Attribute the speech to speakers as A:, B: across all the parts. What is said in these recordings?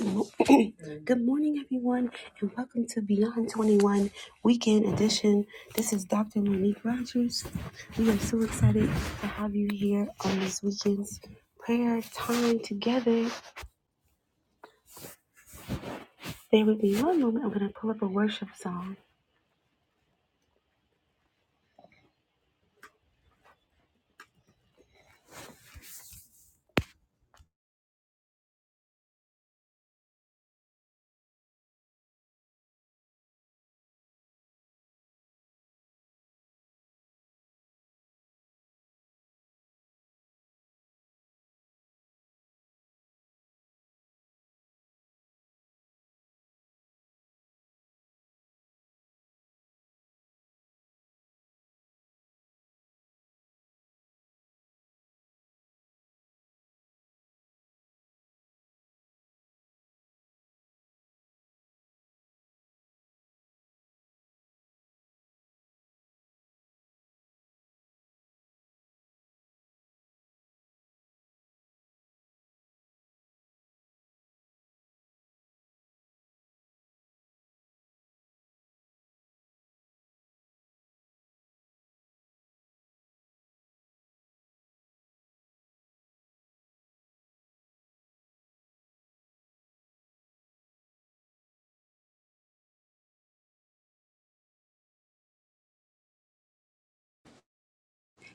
A: Good mo- Good morning, everyone, and welcome to Beyond 21 Weekend Edition. This is Dr. Monique Rogers. We are so excited to have you here on this weekend's prayer time together. There will be one moment. I'm going to pull up a worship song.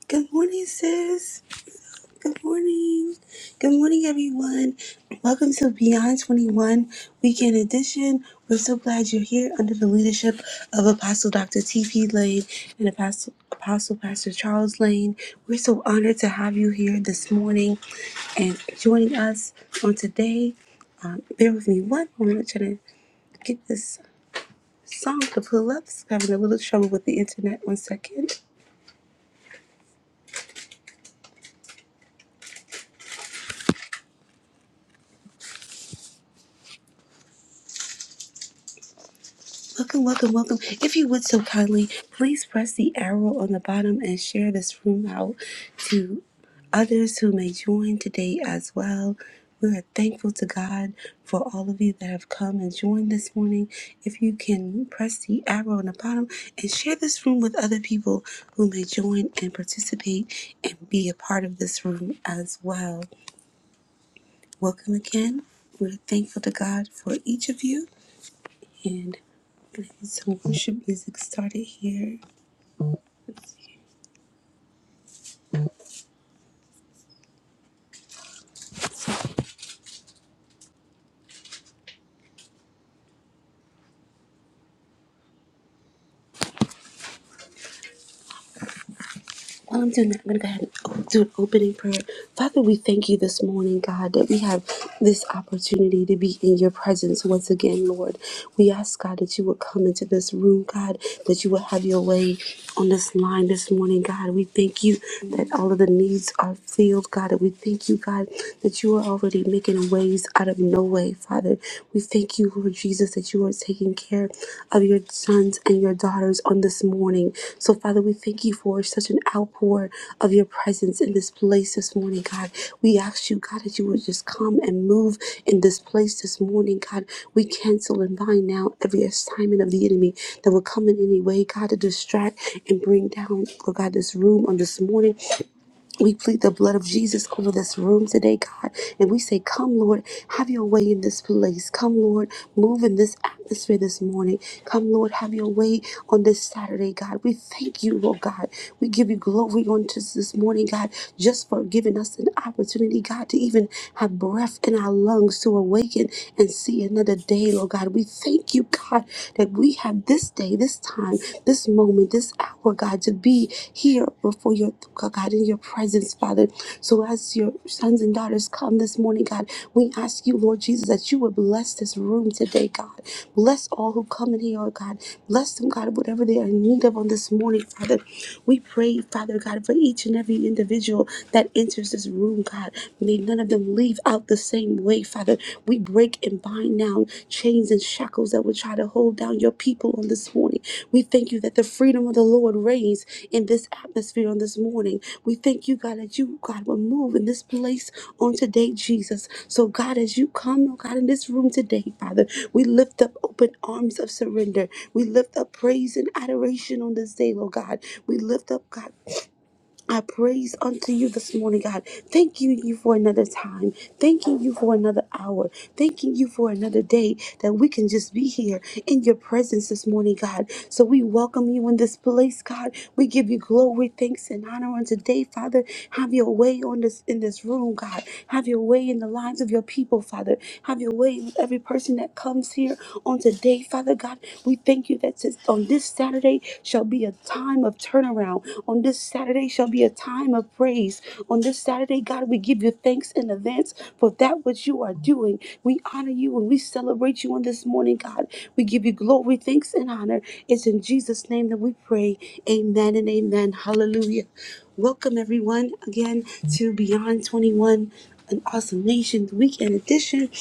A: Good morning, sis. Good morning. Good morning, everyone. Welcome to Beyond 21 Weekend Edition. We're so glad you're here under the leadership of Apostle Dr. T.P. Lane and Apostle, Apostle Pastor Charles Lane. We're so honored to have you here this morning and joining us on today. Um, bear with me one moment. I'm trying to get this song to pull up. Just having a little trouble with the internet. One second. Welcome, welcome, welcome. If you would so kindly, please press the arrow on the bottom and share this room out to others who may join today as well. We are thankful to God for all of you that have come and joined this morning. If you can press the arrow on the bottom and share this room with other people who may join and participate and be a part of this room as well. Welcome again. We're thankful to God for each of you and let's get worship music started here. Let's see. While I'm doing that, I'm going to go ahead and o- do an opening prayer. Father, we thank you this morning, God, that we have this opportunity to be in your presence once again, Lord. We ask, God, that you would come into this room, God, that you would have your way on this line this morning, God. We thank you that all of the needs are filled, God. And we thank you, God, that you are already making ways out of no way, Father. We thank you you, Lord Jesus, that you are taking care of your sons and your daughters on this morning. So, Father, we thank you for such an outpour of your presence in this place this morning, God. We ask you, God, that you would just come and move in this place this morning, God. We cancel and bind now every assignment of the enemy that will come in any way, God, to distract and bring down, Lord God, this room on this morning. We plead the blood of Jesus over this room today, God. And we say, Come, Lord, have your way in this place. Come, Lord, move in this atmosphere this morning. Come, Lord, have your way on this Saturday, God. We thank you, Lord God. We give you glory on just this morning, God, just for giving us an opportunity, God, to even have breath in our lungs to awaken and see another day, Lord God. We thank you, God, that we have this this day, this time, this moment, this hour, God, to be here before your God in your presence, Father. So as your sons and daughters come this morning, God, we ask you, Lord Jesus, that you would bless this room today, God. Bless all who come in here, oh God. Bless them, God, whatever they are in need of on this morning, Father. We pray, Father God, for each and every individual that enters this room, God. May none of them leave out the same same way, Father. We break and bind now chains and shackles that would try to hold down your people on this morning. We thank you that the freedom of the Lord reigns in this atmosphere on this morning. We thank you, God, that you, God, will move in this place on today, Jesus. So, God, as you come, oh God, in this room today, Father, we lift up open arms of surrender. We lift up praise and adoration on this day, Lord God. We lift up, God. I praise unto you this morning, God. Thanking you for another time. Thanking you for another hour. Thanking you for another day that we can just be here in your presence this morning, God. So we welcome you in this place, God. We give you glory, thanks, and honor on today, Father. Have your way on this in this room, God. Have your way in the lives of your people, Father. Have your way with every person that comes here on today, Father God. We thank you that that says, On this Saturday shall be a time of turnaround. On this Saturday shall be a time of praise. On this Saturday, God, we give you thanks in advance for that which you are doing. We honor you and we celebrate you on this morning, God. We give you glory, thanks, and honor. It's in Jesus' name that we pray. Amen and amen. Hallelujah. Welcome, everyone, again to Beyond 21, an Awesome Nations Weekend Edition.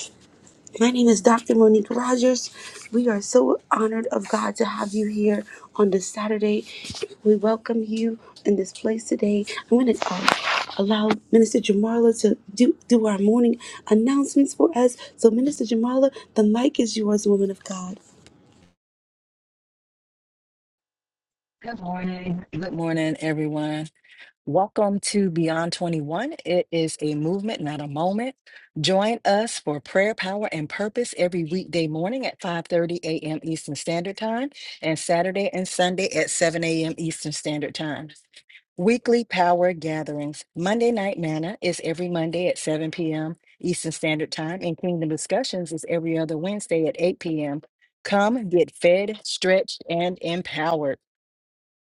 A: My name is Dr. Monique Rogers. We are so honored of God to have you here on this Saturday. We welcome you in this place today. I'm going to uh, allow Minister Jamarla to do, do our morning announcements for us. So, Minister Jamarla, the mic is yours, woman of God.
B: Good morning. Good morning, everyone. Welcome to Beyond 21. It is a movement, not a moment. Join us for prayer, power, and purpose every weekday morning at 5:30 a.m. Eastern Standard Time and Saturday and Sunday at 7 a.m. Eastern Standard Time. Weekly power gatherings. Monday Night Manna is every Monday at 7 p.m. Eastern Standard Time, and Kingdom Discussions is every other Wednesday at 8 p.m. Come get fed, stretched, and empowered.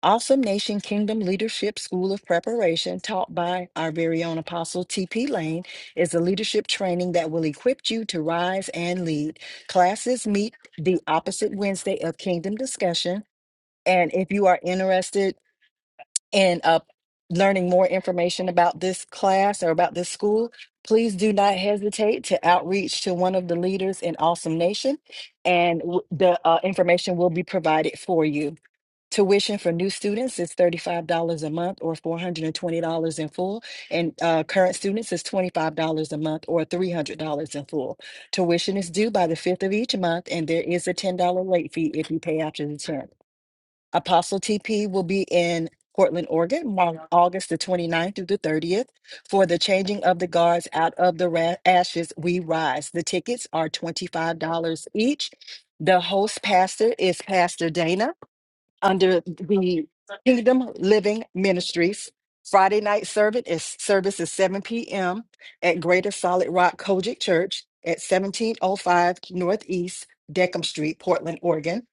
B: Awesome Nation Kingdom Leadership School of Preparation, taught by our very own Apostle T.P. Lane, is a leadership training that will equip you to rise and lead. Classes meet the opposite Wednesday of Kingdom Discussion. And if you are interested in uh, learning more information about this class or about this school, please do not hesitate to outreach to one of the leaders in Awesome Nation, and w- the uh, information will be provided for you. Tuition for new students is $35 a month or $420 in full. And uh, current students is $25 a month or $300 in full. Tuition is due by the 5th of each month, and there is a $10 late fee if you pay after the 10th. Apostle TP will be in Portland, Oregon, Mar- August the 29th through the 30th for the Changing of the Guards Out of the Ra- Ashes We Rise. The tickets are $25 each. The host pastor is Pastor Dana under the Kingdom Living Ministries. Friday night service is service is 7 p.m. at Greater Solid Rock Kojic Church at 1705 Northeast Deckham Street, Portland, Oregon.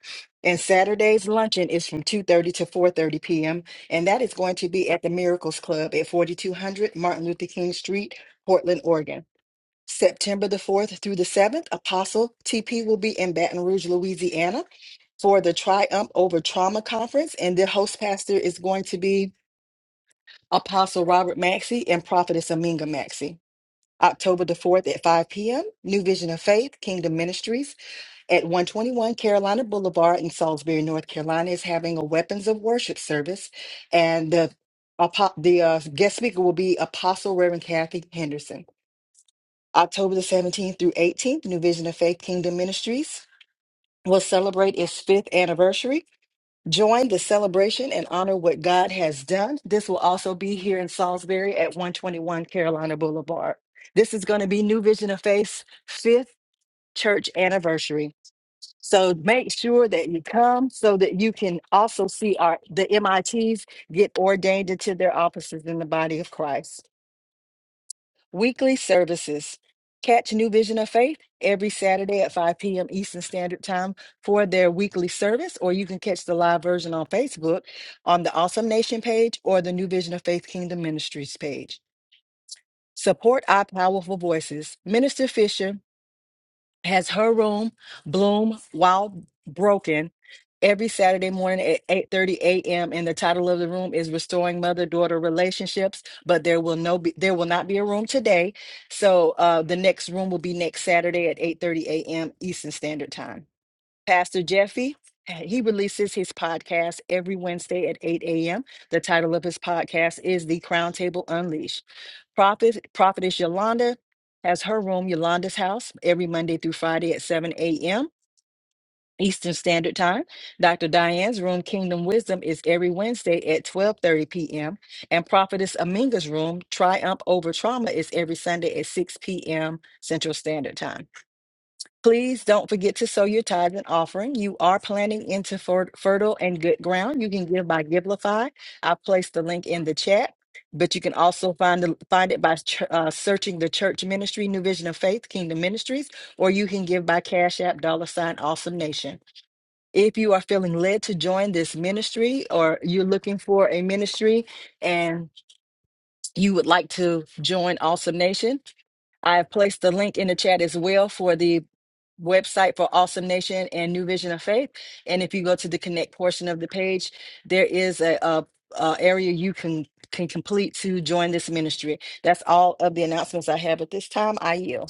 B: And Saturday's luncheon is from 2:30 to 4:30 p.m. and that is going to be at the Miracles Club at 4200 Martin Luther King Street, Portland, Oregon. September the 4th through the 7th, Apostle TP will be in Baton Rouge, Louisiana for the Triumph Over Trauma Conference, and their host pastor is going to be Apostle Robert Maxey and Prophetess Aminga Maxey. October the 4th at 5 p.m., New Vision of Faith, Kingdom Ministries at 121 Carolina Boulevard in Salisbury, North Carolina is having a Weapons of Worship service. And the, apo- the uh, guest speaker will be Apostle Reverend Kathy Henderson. October the 17th through 18th, New Vision of Faith, Kingdom Ministries will celebrate its fifth anniversary Join the celebration and honor what God has done. This will also be here in Salisbury at 121 Carolina Boulevard. This is going to be New Vision of Faith's fifth church anniversary. So make sure that you come so that you can also see our the MITs get ordained into their offices in the body of Christ. Weekly services. Catch New Vision of Faith every Saturday at 5 p.m. Eastern Standard Time for their weekly service, or you can catch the live version on Facebook on the Awesome Nation page or the New Vision of Faith Kingdom Ministries page. Support our powerful voices. Minister Fisher, has her room, Bloom, while broken, every Saturday morning at 8:30 a.m. And the title of the room is Restoring Mother-Daughter Relationships. But there will no be, there will not be a room today. So uh, the next room will be next Saturday at 8:30 a.m. Eastern Standard Time. Pastor Jeffy. He releases his podcast every Wednesday at 8 a.m. The title of his podcast is The Crown Table Unleashed. Prophet, Prophetess Yolanda has her room, Yolanda's House, every Monday through Friday at 7 a.m. Eastern Standard Time. Dr. Diane's room, Kingdom Wisdom, is every Wednesday at 12:30 p.m. And Prophetess Aminga's room, Triumph Over Trauma, is every Sunday at 6 p.m. Central Standard Time. Please don't forget to sow your tithe and offering. You are planting into fer- fertile and good ground. You can give by Giblify. I placed the link in the chat, but you can also find the, find it by ch- uh, searching the church ministry, New Vision of Faith, Kingdom Ministries, or you can give by Cash App, dollar sign, Awesome Nation. If you are feeling led to join this ministry, or you're looking for a ministry and you would like to join Awesome Nation, I have placed the link in the chat as well for the website for Awesome Nation and New Vision of Faith. And if you go to the connect portion of the page, there is a, a, a area you can can complete to join this ministry. That's all of the announcements I have at this time. I yield.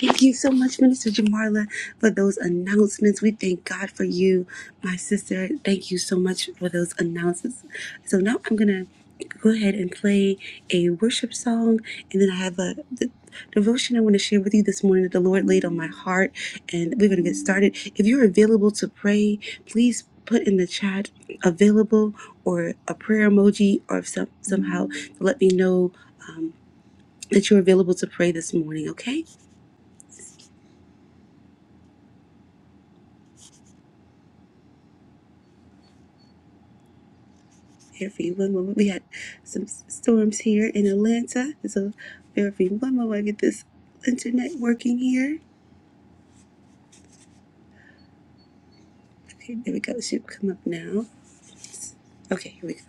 A: Thank you so much, Minister Jamarla, for those announcements. We thank God for you, my sister. Thank you so much for those announcements. So now I'm going to go ahead and play a worship song, and then I have a d- devotion I want to share with you this morning that the Lord laid on my heart, and we're going to get started. If you're available to pray, please put in the chat available or a prayer emoji or some, somehow to let me know um, that you're available to pray this morning, okay? Here one moment. We had some storms here in Atlanta. So bear one moment. I get this internet working here. Okay, there we go. It should come up now. Okay, here we go.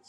A: Yes,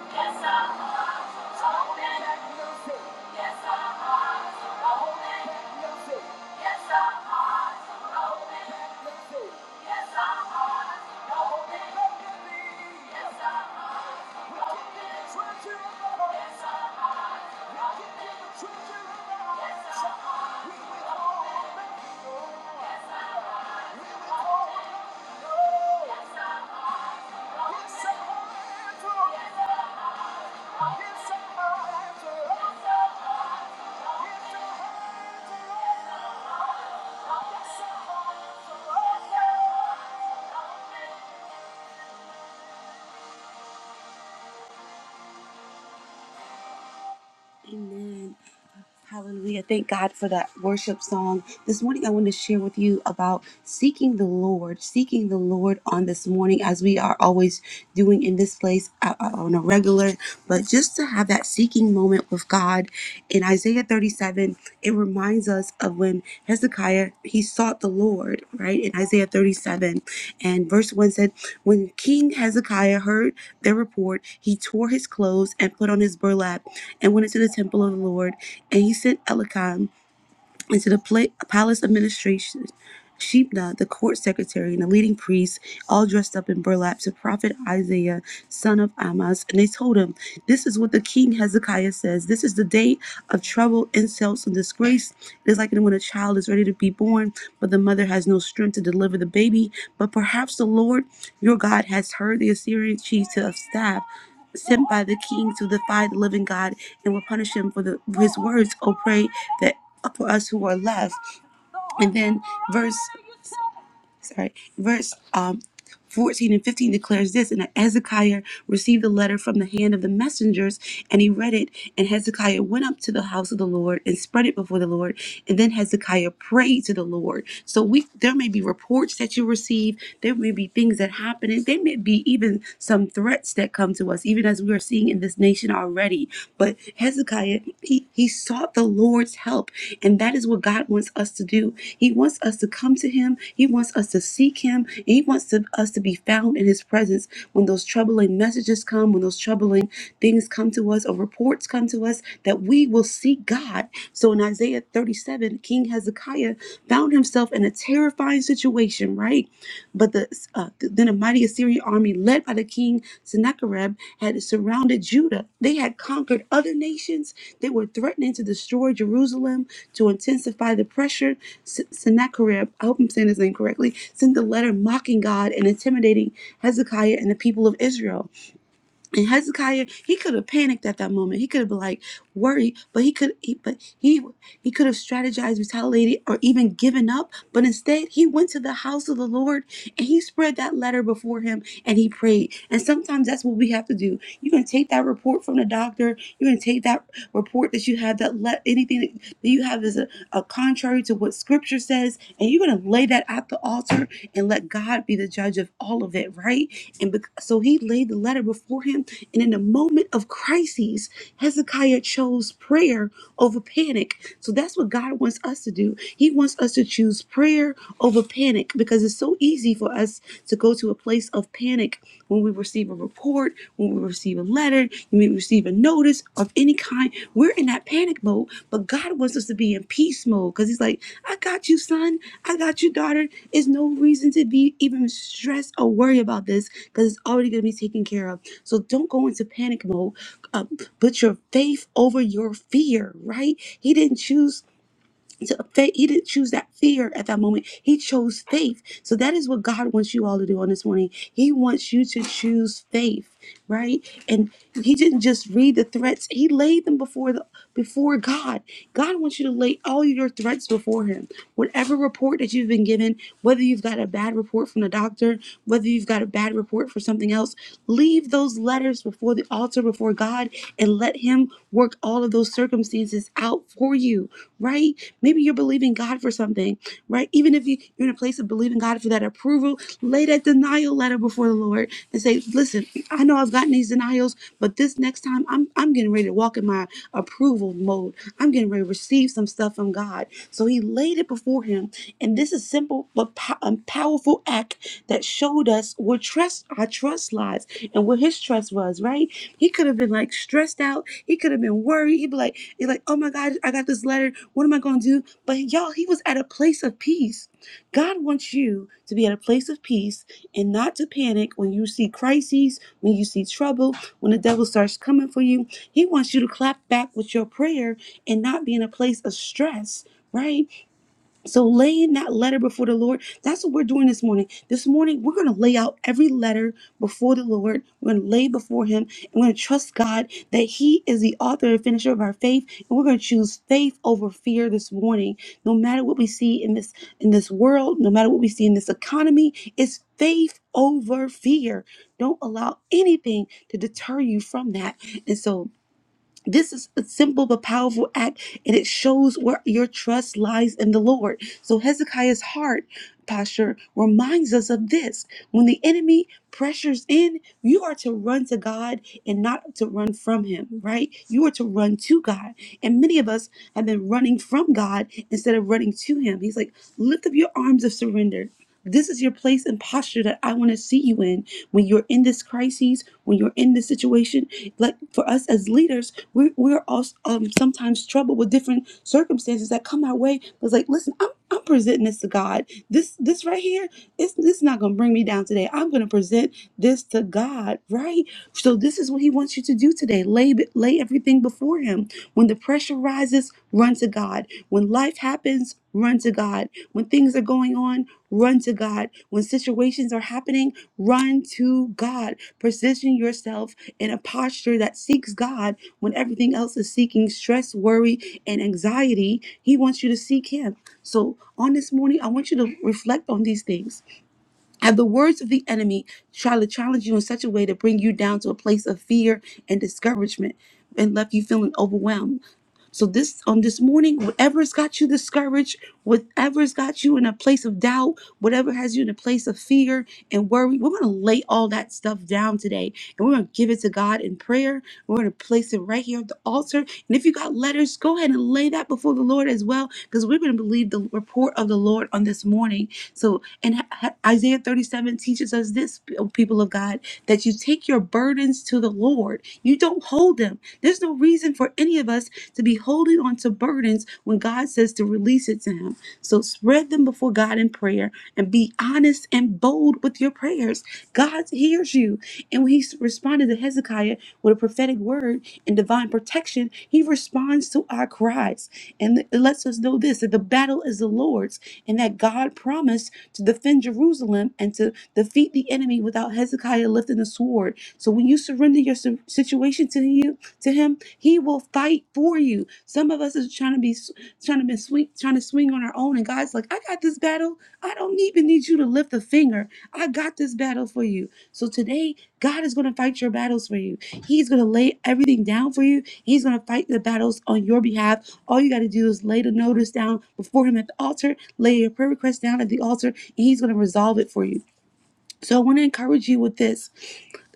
A: Yes, Yes, Amen. Hallelujah. Thank God for that worship song. This morning, I want to share with you about seeking the Lord, seeking the Lord on this morning, as we are always doing in this place uh, uh, on a regular, but just to have that seeking moment with God. In Isaiah 37, 7 it reminds us of when hezekiah he sought the lord right in isaiah 37 and verse 1 said when king hezekiah heard their report he tore his clothes and put on his burlap and went into the temple of the lord and he sent elikam and to the pla- palace administration, Shebna, the court secretary, and the leading priests, all dressed up in burlap, to prophet Isaiah, son of Amoz. And they told him, This is what the king Hezekiah says. This is the day of trouble, insults, and disgrace. It is like when a child is ready to be born, but the mother has no strength to deliver the baby. But perhaps the Lord your God has heard the Assyrian chief of staff. Sent by the king to defy the living God and will punish him for the, his words. Oh, pray that for us who are left. And then verse sorry, verse um 14 and 15 declares this and Hezekiah received the letter from the hand of the messengers and he read it and Hezekiah went up to the house of the Lord and spread it before the Lord and then Hezekiah prayed to the Lord so we there may be reports that you receive there may be things that happen and there may be even some threats that come to us even as we are seeing in this nation already ready. But Hezekiah, he, he sought the Lord's help. And that is what God wants us to do. He wants us to come to him. He wants us to seek him. And he wants to, us to be found in his presence when those troubling messages come, when those troubling things come to us or reports come to us, that we will seek God. So in Isaiah 37, King Hezekiah. Hezekiah found himself in a terrifying situation, right? But the uh, then a mighty Assyrian army led by the king Sennacherib had surrounded Judah. They had conquered other nations. They were threatening to destroy Jerusalem to intensify the pressure. S- Sennacherib, I hope I'm saying his name correctly, sent a letter mocking God and intimidating Hezekiah and the people of Israel. And Hezekiah, he could have panicked at that moment. He could have been like worried, but he could, he, but he, he could have strategized, retaliated, or even given up. But instead, he went to the house of the Lord and he spread that letter before him and he prayed. And sometimes that's what we have to do. You're gonna take that report from the doctor. You're gonna take that report that you have that let anything that you have as a uh, contrary to what scripture says, and you're going to lay that at the altar and let God be the judge of all of it, right? And bec- so he laid the letter before him, and in a moment of crises, Hezekiah chose prayer over panic. So that's what God wants us to do. He wants us to choose prayer over panic because it's so easy for us to go to a place of panic when we receive a report, when we receive a letter, when we receive a notice of any kind, we're in that panic mode. But God wants us to be in peace mode because He's like, I got you, son. I got you, daughter. There's no reason to be even stressed or worry about this because it's already going to be taken care of. So don't go into panic mode. Uh, put your faith over your fear, right? He didn't choose. So faith, he didn't choose that fear at that moment. He chose faith. So that is what God wants you all to do on this morning. He wants you to choose faith, right? And he didn't just read the threats. He laid them before the before God. God wants you to lay all your threats before him. Whatever report that you've been given, whether you've got a bad report from the doctor, whether you've you've got a bad report for something else, leave those letters before the altar before God and let Him work all of those circumstances out for you, right? Maybe you're believing God for something, right? Even if you, you're in a place of believing God for that approval, lay that denial letter before the Lord and say, Listen, I know I've gotten these denials, but this next time I'm I'm getting ready to walk in my my approval mode. I'm getting ready to receive some stuff from God. So he laid it before him. And this is simple but po- um, powerful act that showed us where trust our trust lies and where his trust was, right? He could have been like stressed out. He could have been worried. He'd be like, he'd like, oh my God, I got this letter. What am I going to do? But y'all, he was at a place of peace. God wants you to be at a place of peace and not to panic when you see crises, when you see trouble, when the devil starts coming for you he wants you to clap back with your prayer and not be in a place of stress, right? So laying that letter before the Lord, that's what we're doing this morning. This morning, we're going to lay out every letter before the Lord. We're going to lay before Him and we're going to trust God that He is the author and finisher of our faith. And we're going to choose faith over fear this morning. No matter what we see in this in this world, no matter what we see in this economy, it's faith over fear. Don't allow anything to deter you from that. And so this is a simple but powerful act, and it shows where your trust lies in the Lord. So Hezekiah's heart posture reminds us of this. When the enemy pressures in, you are to run to God and not to run from him, right? You are to run to God. And many of us have been running from God instead of running to him. He's like, lift up your arms of surrender. This is your place and posture that I want to see you in when you're in this crisis, when you're in this situation. Like for us as leaders, we, we're also um, sometimes troubled with different circumstances that come our way. It's like, listen, I'm, I'm presenting this to God. This this right here, it's, this is not going to bring me down today. I'm going to present this to God, right? So this is what He wants you to do today. Lay lay everything before Him when the pressure rises, run to God. When life happens, run to God. When things are going on, run to God. When situations are happening, run to God. Position yourself in a posture that seeks God when everything else is seeking stress, worry, and anxiety. He wants you to seek Him. So on this morning, I want you to reflect on these things. Have the words of the enemy try to challenge you in such a way to bring you down to a place of fear and discouragement and left you feeling overwhelmed. So this on this morning, whatever's got you discouraged, whatever's got you in a place of doubt, whatever has you in a place of fear and worry, we're gonna lay all that stuff down today and we're gonna give it to God in prayer. We're gonna place it right here at the altar. And if you got letters, go ahead and lay that before the Lord as well, because we're gonna believe the report of the Lord on this morning. So and Isaiah 37 teaches us this, people of God, that you take your burdens to the Lord. You don't hold them. There's no reason for any of us to be holding on to burdens when God says to release it to Him. So spread them before God in prayer and be honest and bold with your prayers. God hears you. And when He responded to Hezekiah with a prophetic word and divine protection, He responds to our cries. And it lets us know this that the battle is the Lord's and that God promised to defend Jerusalem and to defeat the enemy without Hezekiah lifting a sword. So when you surrender your si- situation to you to him, he will fight for you. Some of us is trying to be s- trying to be swing trying to swing on our own, and God's like, I got this battle. I don't even need you to lift a finger. I got this battle for you. So today, God is going to fight your battles for you. He's going to lay everything down for you. He's going to fight the battles on your behalf all you got to do is lay the notice down before Him at the altar, lay your prayer request down at the altar, and He's going to resolve it for you. So I want to encourage you with this.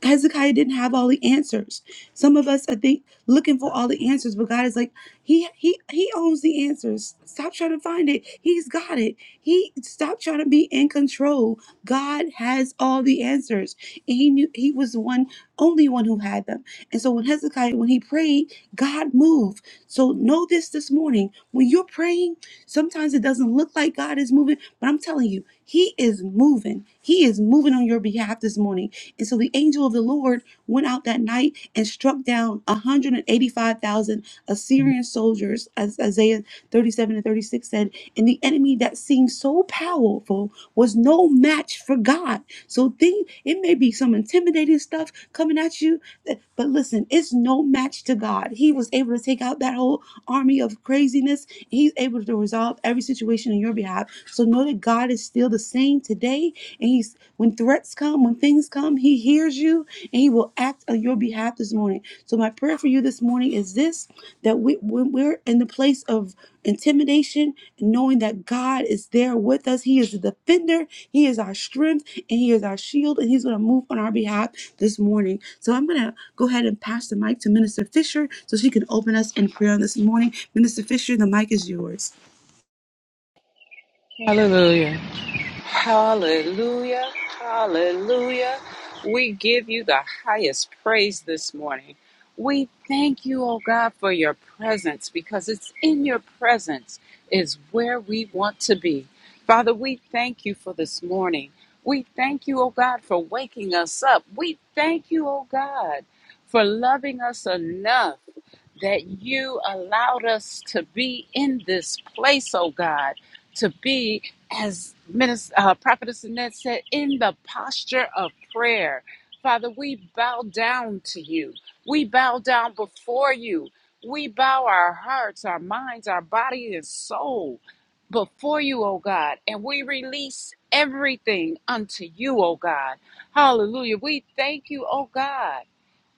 A: Hezekiah didn't have all the answers. Some of us, I think, looking for all the answers, but God is like, He He He owns the answers. Stop trying to find it. He's got it. He stop trying to be in control. God has all the answers. And he knew he was the one, only one who had them. And so when Hezekiah, when he prayed, God moved. So know this this morning. When you're praying, sometimes it doesn't look like God is moving, but I'm telling you, He is moving. He is moving on your behalf this morning. And so the angel of the Lord went out that night and struck down 185,000 Assyrian soldiers, as Isaiah 37 and 36 said. And the enemy that seemed so powerful was no match for God. So think it may be some intimidating stuff coming at you, th- but listen, it's no match to God. He was able to take out that whole army of craziness. He's able to resolve every situation on your behalf. So know that God is still the same today, and He's when threats come, when things come, He hears you and He will act on your behalf this morning. So, my prayer for you this morning is this that we, when we're in the place of intimidation, knowing that God is there with us, He is the defender, He is our strength, and He is our shield, and He's going to move on our behalf this morning. So, I'm going to go ahead and pass the mic to Minister Fisher so she can open us in prayer this morning. Minister Fisher, the mic is yours.
C: Hallelujah. Hallelujah. Hallelujah. We give you the highest praise this morning. We thank you, oh God, for your presence because it's in your presence is where we want to be. Father, we thank you for this morning. We thank you, oh God, for waking us up. We thank you, oh God, for loving us enough that you allowed us to be in this place, oh God to be, as Minister, uh, Prophetess Annette said, in the posture of prayer. Father, we bow down to you. We bow down before you. We bow our hearts, our minds, our body, and soul before you, O God, and we release everything unto you, O God. Hallelujah. We thank you, O God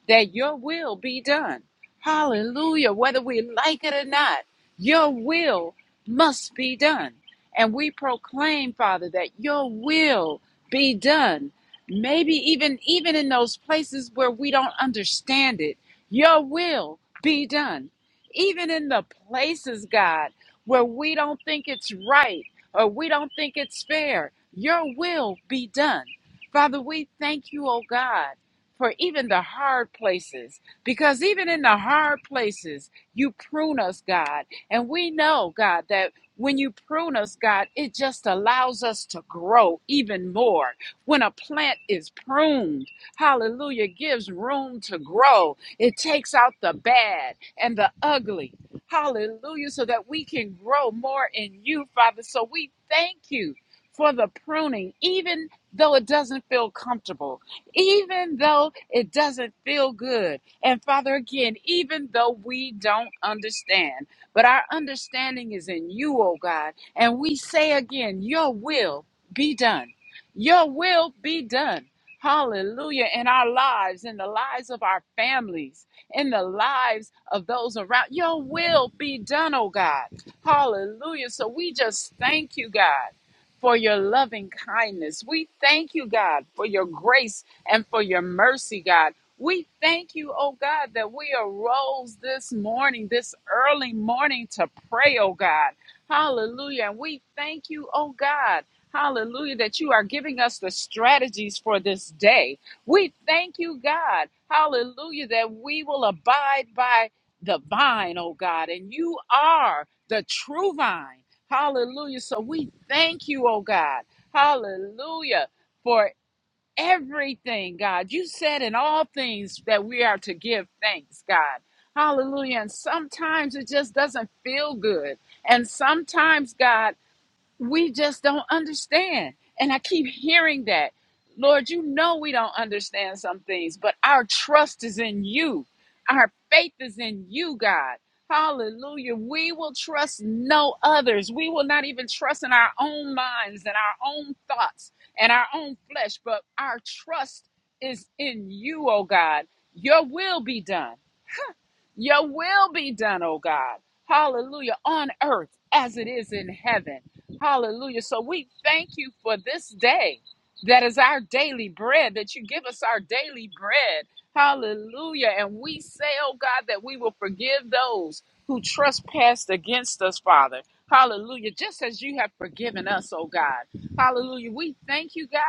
C: that your will be done. Hallelujah. Whether we like it or not, your will must be done. And we proclaim, Father, that your will be done. Maybe even even in those places where we don't understand it, your will be done. Even in the places, God, where we don't think it's right or we don't think it's fair, your will be done. Father, we thank you, oh God for even the hard places because even in the hard places you prune us god and we know god that when you prune us god it just allows us to grow even more when a plant is pruned hallelujah gives room to grow it takes out the bad and the ugly hallelujah so that we can grow more in you father so we thank you for the pruning even though it doesn't feel comfortable even though it doesn't feel good. And Father, again, even though we don't understand, but our understanding is in you, oh God. And we say again, Your will be done. Your will be done. Hallelujah. In our lives, in the lives of our families, in the lives of those around. Your will be done, oh God. Hallelujah. So we just thank you, God for your loving kindness. We thank you, God, for your grace and for your mercy, God. We thank you, oh God, that we arose this morning, this early morning to pray, oh God. Hallelujah. And we thank you, oh God. Hallelujah, that you are giving us the strategies for this day. We thank you, God. Hallelujah, that we will abide by the vine, oh God, and you are the true vine. Hallelujah. So we thank you, oh God. Hallelujah for everything, God. You said in all things that we are to give thanks, God. Hallelujah. And sometimes it just doesn't feel good. And sometimes, God, we just don't understand. And I keep hearing that. Lord, you know we don't understand some things, but our trust is in you. Our faith is in you, God. Hallelujah. We will trust no others. We will not even trust in our own minds and our own thoughts and our own flesh, but our trust is in you, oh God. Your will be done. Your will be done, oh God. Hallelujah. On earth as it is in heaven. Hallelujah. So we thank you for this day that is our daily bread, that you give us our daily bread. Hallelujah. And we say, oh God, that we will forgive those who trespassed against us, Father. Hallelujah. Just as you have forgiven us, oh God. Hallelujah. We thank you, God.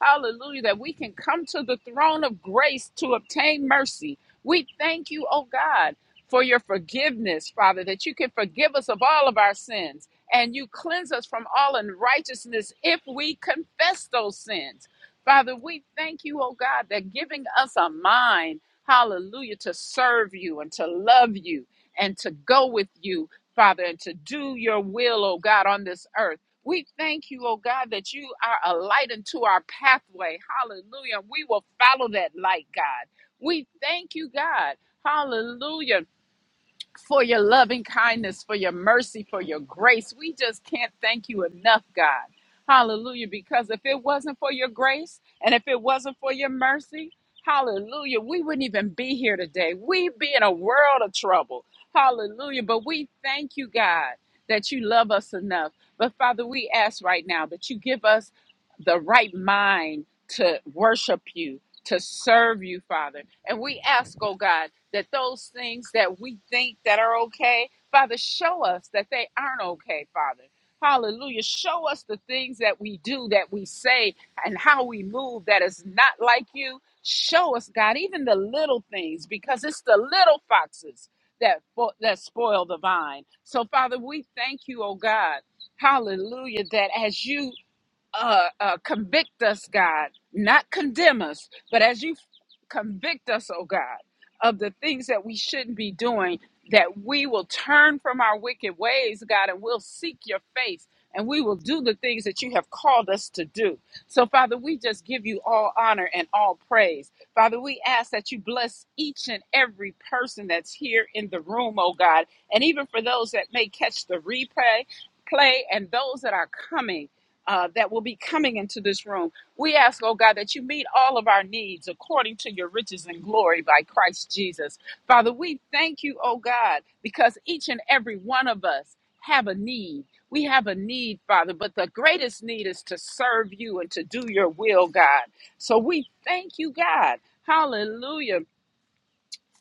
C: Hallelujah. That we can come to the throne of grace to obtain mercy we thank you, oh God, for your forgiveness, Father, that you can forgive us of all of our sins and you cleanse us from all unrighteousness if we confess those sins. Father, we thank you, oh God, that giving us a mind, hallelujah, to serve you and to love you and to go with you, Father, and to do your will, oh God, on this earth. We thank you, oh God, that you are a light into our pathway. Hallelujah. We will follow that light, God. We thank you, God. Hallelujah. For your loving kindness, for your mercy, for your grace. We just can't thank you enough, God. Hallelujah. Because if it wasn't for your grace and if it wasn't for your mercy, hallelujah, we wouldn't even be here today. We'd be in a world of trouble. Hallelujah. But we thank you, God, that you love us enough. But Father, we ask right now that you give us the right mind to worship you to serve you, Father. And we ask, oh God, that those things that we think that are okay, Father, show us that they aren't okay, Father. Hallelujah. Show us the things that we do, that we say, and how we move that is not like you. Show us, God, even the little things, because it's the little foxes that fo- that spoil the vine. So, Father, we thank you, oh God. Hallelujah, that as you uh, uh, convict us, God, not condemn us, but as you convict us, oh God, of the things that we shouldn't be doing, that we will turn from our wicked ways, God, and we'll seek your face and we will do the things that you have called us to do. So, Father, we just give you all honor and all praise. Father, we ask that you bless each and every person that's here in the room, oh God, and even for those that may catch the replay. Play and those that are coming uh, that will be coming into this room. We ask, oh God, that you meet all of our needs according to your riches and glory by Christ Jesus. Father, we thank you, oh God, because each and every one of us have a need. We have a need, Father, but the greatest need is to serve you and to do your will, God. So we thank you, God. Hallelujah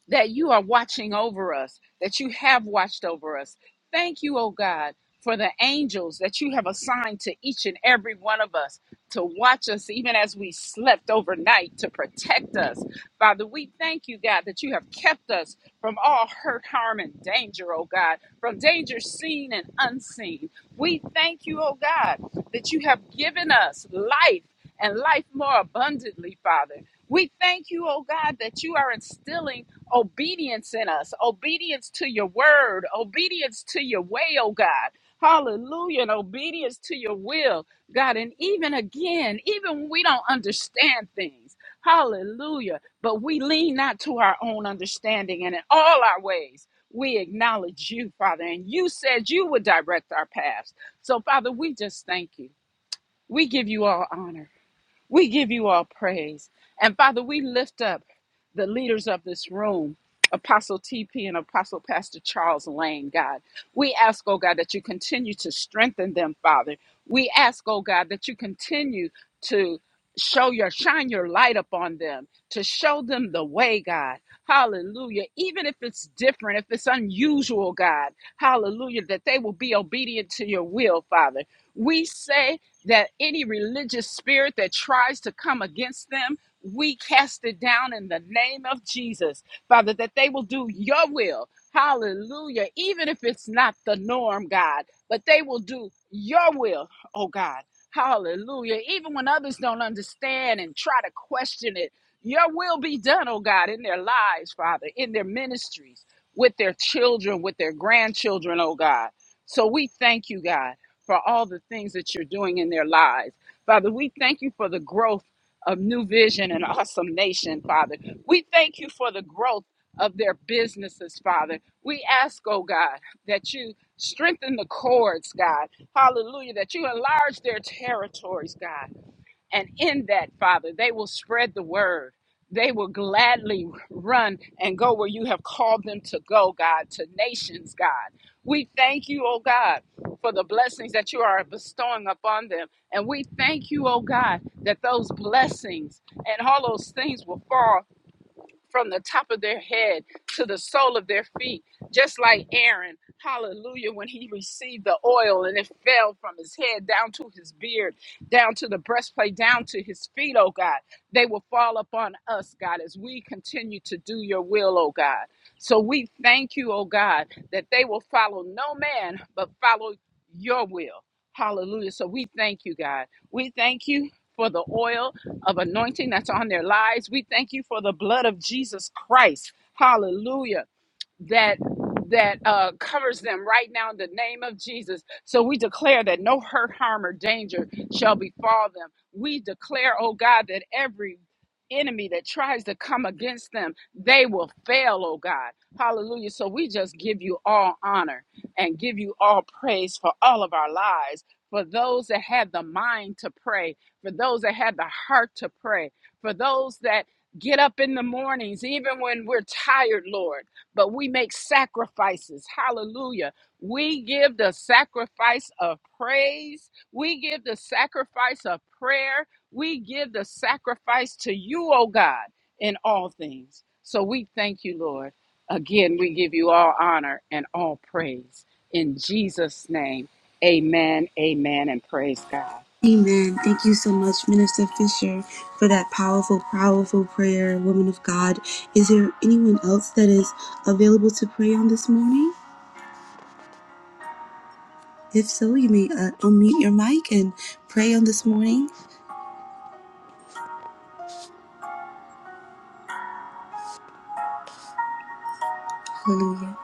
C: that you are watching over us, that you have watched over us. Thank you, oh God, for the angels that you have assigned to each and every one of us to watch us even as we slept overnight to protect us. Father, we thank you, God, that you have kept us from all hurt, harm, and danger, oh God, from danger seen and unseen. We thank you, oh God, that you have given us life and life more abundantly, Father. We thank you, oh God, that you are instilling obedience in us, obedience to your word, obedience to your way, oh God. Hallelujah, and obedience to your will, God. And even again, even when we don't understand things, hallelujah, but we lean not to our own understanding, and in all our ways, we acknowledge you, Father. And you said you would direct our paths. So, Father, we just thank you. We give you all honor. We give you all praise. And Father, we lift up the leaders of this room, Apostle TP and Apostle Pastor Charles Lane, God. We ask, oh God, that you continue to strengthen them, Father. We ask, oh God, that you continue to show your shine your light upon them to show them the way god hallelujah even if it's different if it's unusual god hallelujah that they will be obedient to your will father we say that any religious spirit that tries to come against them, we cast it down in the name of Jesus. Father, that they will do your will. Hallelujah. Even if it's not the norm, God, but they will do your will, oh God. Hallelujah. Even when others don't understand and try to question it, your will be done, oh God, in their lives, Father, in their ministries, with their children, with their grandchildren, oh God. So we thank you, God for all the things that you're doing in their lives. Father, we thank you for the growth of New Vision and Awesome Nation, Father. We thank you for the growth of their businesses, Father. We ask, oh God, that you strengthen the cords, God. Hallelujah. That you enlarge their territories, God. And in that, Father, they will spread the word. They will gladly run and go where you have called them to go, God, to nations, God. We thank you, oh God, for the blessings that you are bestowing upon them. And we thank you, oh God, that those blessings and all those things will fall from the top of their head to the sole of their feet, just like Aaron, hallelujah, when he received the oil and it fell from his head down to his beard, down to the breastplate, down to his feet, oh God. They will fall upon us, God, as we continue to do your will, oh God. So we thank you, oh God, that they will follow no man, but follow your will. Hallelujah. So we thank you, God. We thank you for the oil of anointing that's on their lives. We thank you for the blood of Jesus Christ. Hallelujah that that uh, covers them right now in the name of Jesus. So we declare that no hurt, harm, or danger shall befall them. We declare, oh God, that every enemy that tries to come against them, they will fail, oh God. Hallelujah. So we just give you all honor and give you all praise for all of our lives. For those that had the mind to pray, for those that had the heart to pray, for those that get up in the mornings, even when we're tired, Lord but we make sacrifices. Hallelujah. We give the sacrifice of praise. We give the sacrifice of prayer. We give the sacrifice to you, O God, in all things. So we thank you, Lord. Again, we give you all honor and all praise. In Jesus' name, amen, amen, and praise God.
A: Amen. Thank you so much, Minister Fisher, for that powerful, powerful prayer, woman of God. Is there anyone else that is available to pray on this morning? If so, you may uh, unmute your mic and pray on this morning. Hallelujah.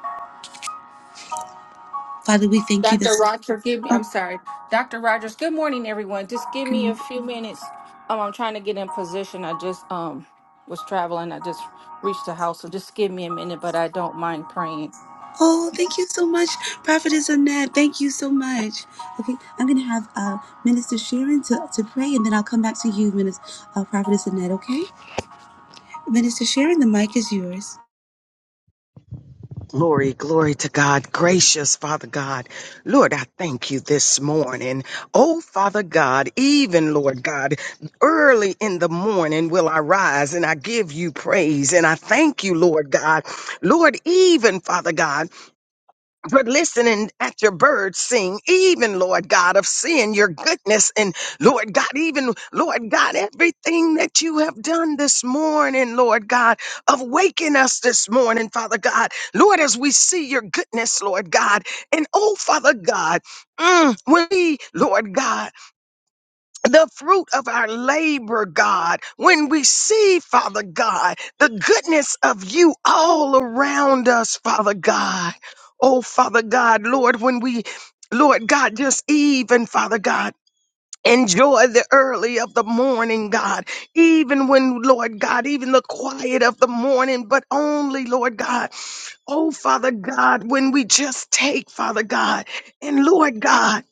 A: Father, we thank you
D: Dr.
A: this.
D: Roger, give me,
A: Oh,
D: I'm sorry. Dr. Rogers, good morning, everyone. Just give me a
A: can-
D: few minutes. Um, I'm trying to get in position. I just um was traveling. I just reached the house. So just give me a minute, but I don't mind praying.
A: oh, thank you so much, Prophetess Annette. Thank you so much. Okay, I'm going to have uh, Minister Sharon to, to pray, and then I'll come back to you, Minister, uh, Prophetess Annette, okay? Minister Sharon, the mic is yours.
E: Glory, glory to God. Gracious Father God. Lord, I thank you this morning. Oh, Father God, even Lord God, early in the morning will I rise and I give you praise and I thank you, Lord God. Lord, even Father God. But listening at your birds sing, even Lord God, of seeing your goodness and Lord God, even Lord God, everything that you have done this morning, Lord God, of waking us this morning, Father God. Lord, as we see your goodness, Lord God, and oh, Father God, mm, when we, Lord God, the fruit of our labor, God, when we see, Father God, the goodness of you all around us, Father God. Oh, Father God, Lord, when we, Lord God, just even, Father God, Enjoy the early of the morning, God, even when, Lord God, even the quiet of the morning, but only, Lord God, oh Father God, when we just take, Father God, and Lord God,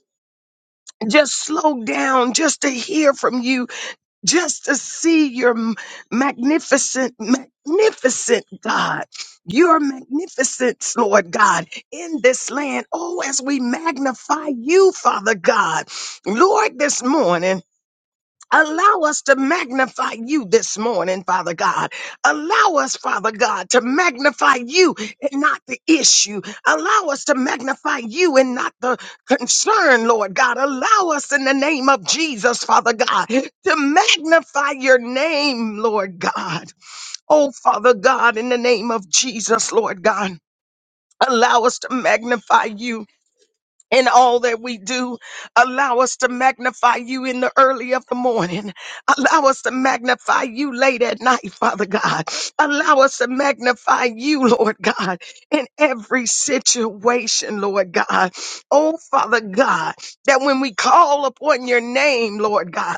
E: just slow down just to hear from you, just to see your m- magnificent, magnificent God, your magnificence, Lord God, in this land. Oh, as we magnify you, Father God, Lord, this morning. Allow us to magnify you this morning, Father God. Allow us, Father God, to magnify you and not the issue. Allow us to magnify you and not the concern, Lord God. Allow us in the name of Jesus, Father God, to magnify your name, Lord God. Oh, Father God, in the name of Jesus, Lord God. Allow us to magnify you in all that we do. Allow us to magnify you in the early of the morning. Allow us to magnify you late at night, Father God. Allow us to magnify you, Lord God, in every situation, Lord God. Oh, Father God, that when we call upon your name, Lord God,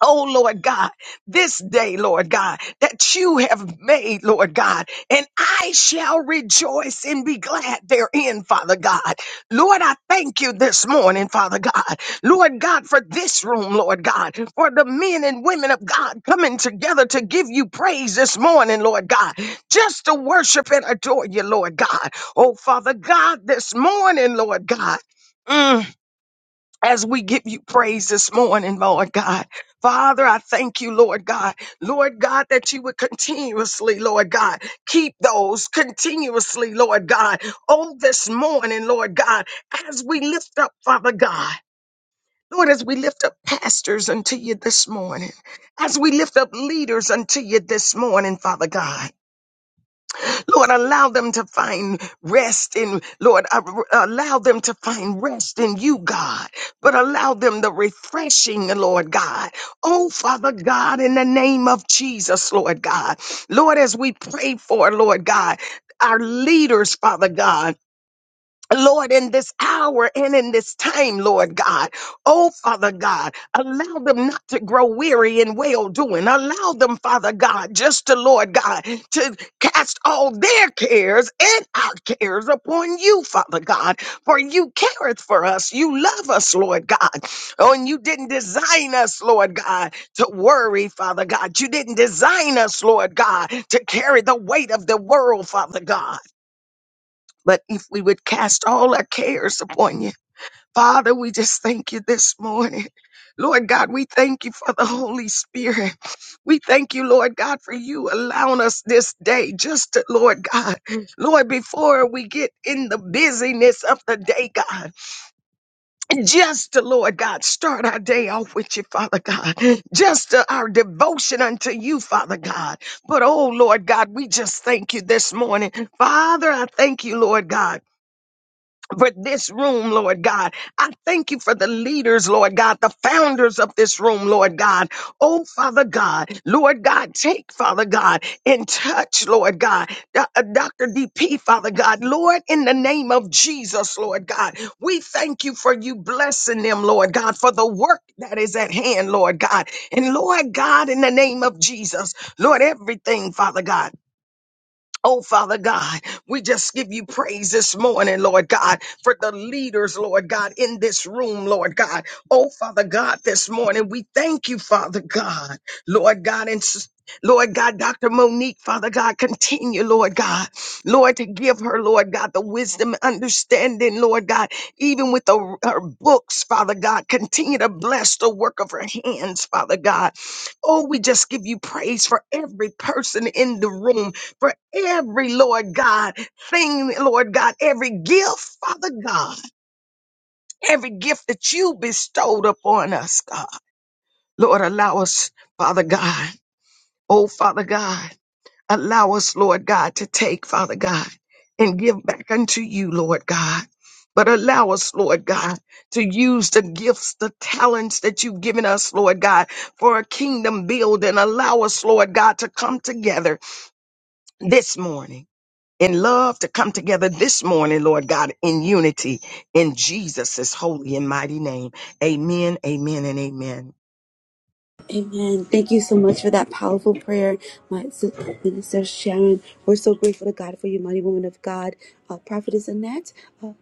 E: Oh Lord God, this day, Lord God, that you have made, Lord God, and I shall rejoice and be glad therein, Father God. Lord, I thank you this morning, Father God. Lord God, for this room, Lord God, for the men and women of God coming together to give you praise this morning, Lord God, just to worship and adore you, Lord God. Oh Father God, this morning, Lord God. mm, as we give you praise this morning, Lord God. Father, I thank you, Lord God. Lord God, that you would continuously, Lord God, keep those continuously, Lord God. Oh, this morning, Lord God, as we lift up, Father God. Lord, as we lift up pastors unto you this morning, as we lift up leaders unto you this morning, Father God. Lord, allow them to find rest in, Lord, uh, allow them to find rest in you, God, but allow them the refreshing, Lord God. Oh, Father God, in the name of Jesus, Lord God. Lord, as we pray for, Lord God, our leaders, Father God. Lord, in this hour and in this time, Lord God. Oh, Father God, allow them not to grow weary in well doing. Allow them, Father God, just to, Lord God, to cast all their cares and our cares upon you, Father God, for you careth for us. You love us, Lord God. Oh, and you didn't design us, Lord God, to worry, Father God. You didn't design us, Lord God, to carry the weight of the world, Father God. But if we would cast all our cares upon you, Father, we just thank you this morning. Lord God, we thank you for the Holy Spirit. We thank you, Lord God, for you allowing us this day just to, Lord God, Lord, before we get in the busyness of the day, God, just to, Lord God, start our day off with you, Father God, just to our devotion unto you, Father God. But oh, Lord God, we just thank you this morning. Father, I thank you, Lord God for this room, Lord God. I thank you for the leaders, Lord God, the founders of this room, Lord God. Oh, Father God, Lord God, take, Father God, in touch, Lord God. Do- uh, Dr. DP, Father God, Lord, in the name of Jesus, Lord God, we thank you for you blessing them, Lord God, for the work that is at hand, Lord God. And Lord God, in the name of Jesus, Lord, everything, Father God. Oh, Father God, we just give you praise this morning, Lord God, for the leaders, Lord God, in this room, Lord God. Oh, Father God, this morning, we thank you, Father God, Lord God, and s- Lord God, Dr. Monique, Father God, continue, Lord God, Lord, to give her, Lord God, the wisdom, understanding, Lord God, even with the, her books, Father God, continue to bless the work of her hands, Father God. Oh, we just give you praise for every person in the room, for every, Lord God, thing, Lord God, every gift, Father God, every gift that you bestowed upon us, God. Lord, allow us, Father God, oh, Father God, allow us, Lord God, to take, Father God, and give back unto you, Lord God. But allow us, Lord God, to use the gifts, the talents that you've given us, Lord God, for a kingdom build and allow us, Lord God, to come together this morning in love to come together this morning, Lord God, in unity in Jesus' holy and mighty name. Amen, amen, and amen.
A: Amen. Thank you so much for that powerful prayer, my sis- minister Sharon. We're so grateful to God for you, mighty woman of God. Uh, Prophetess Annette, uh,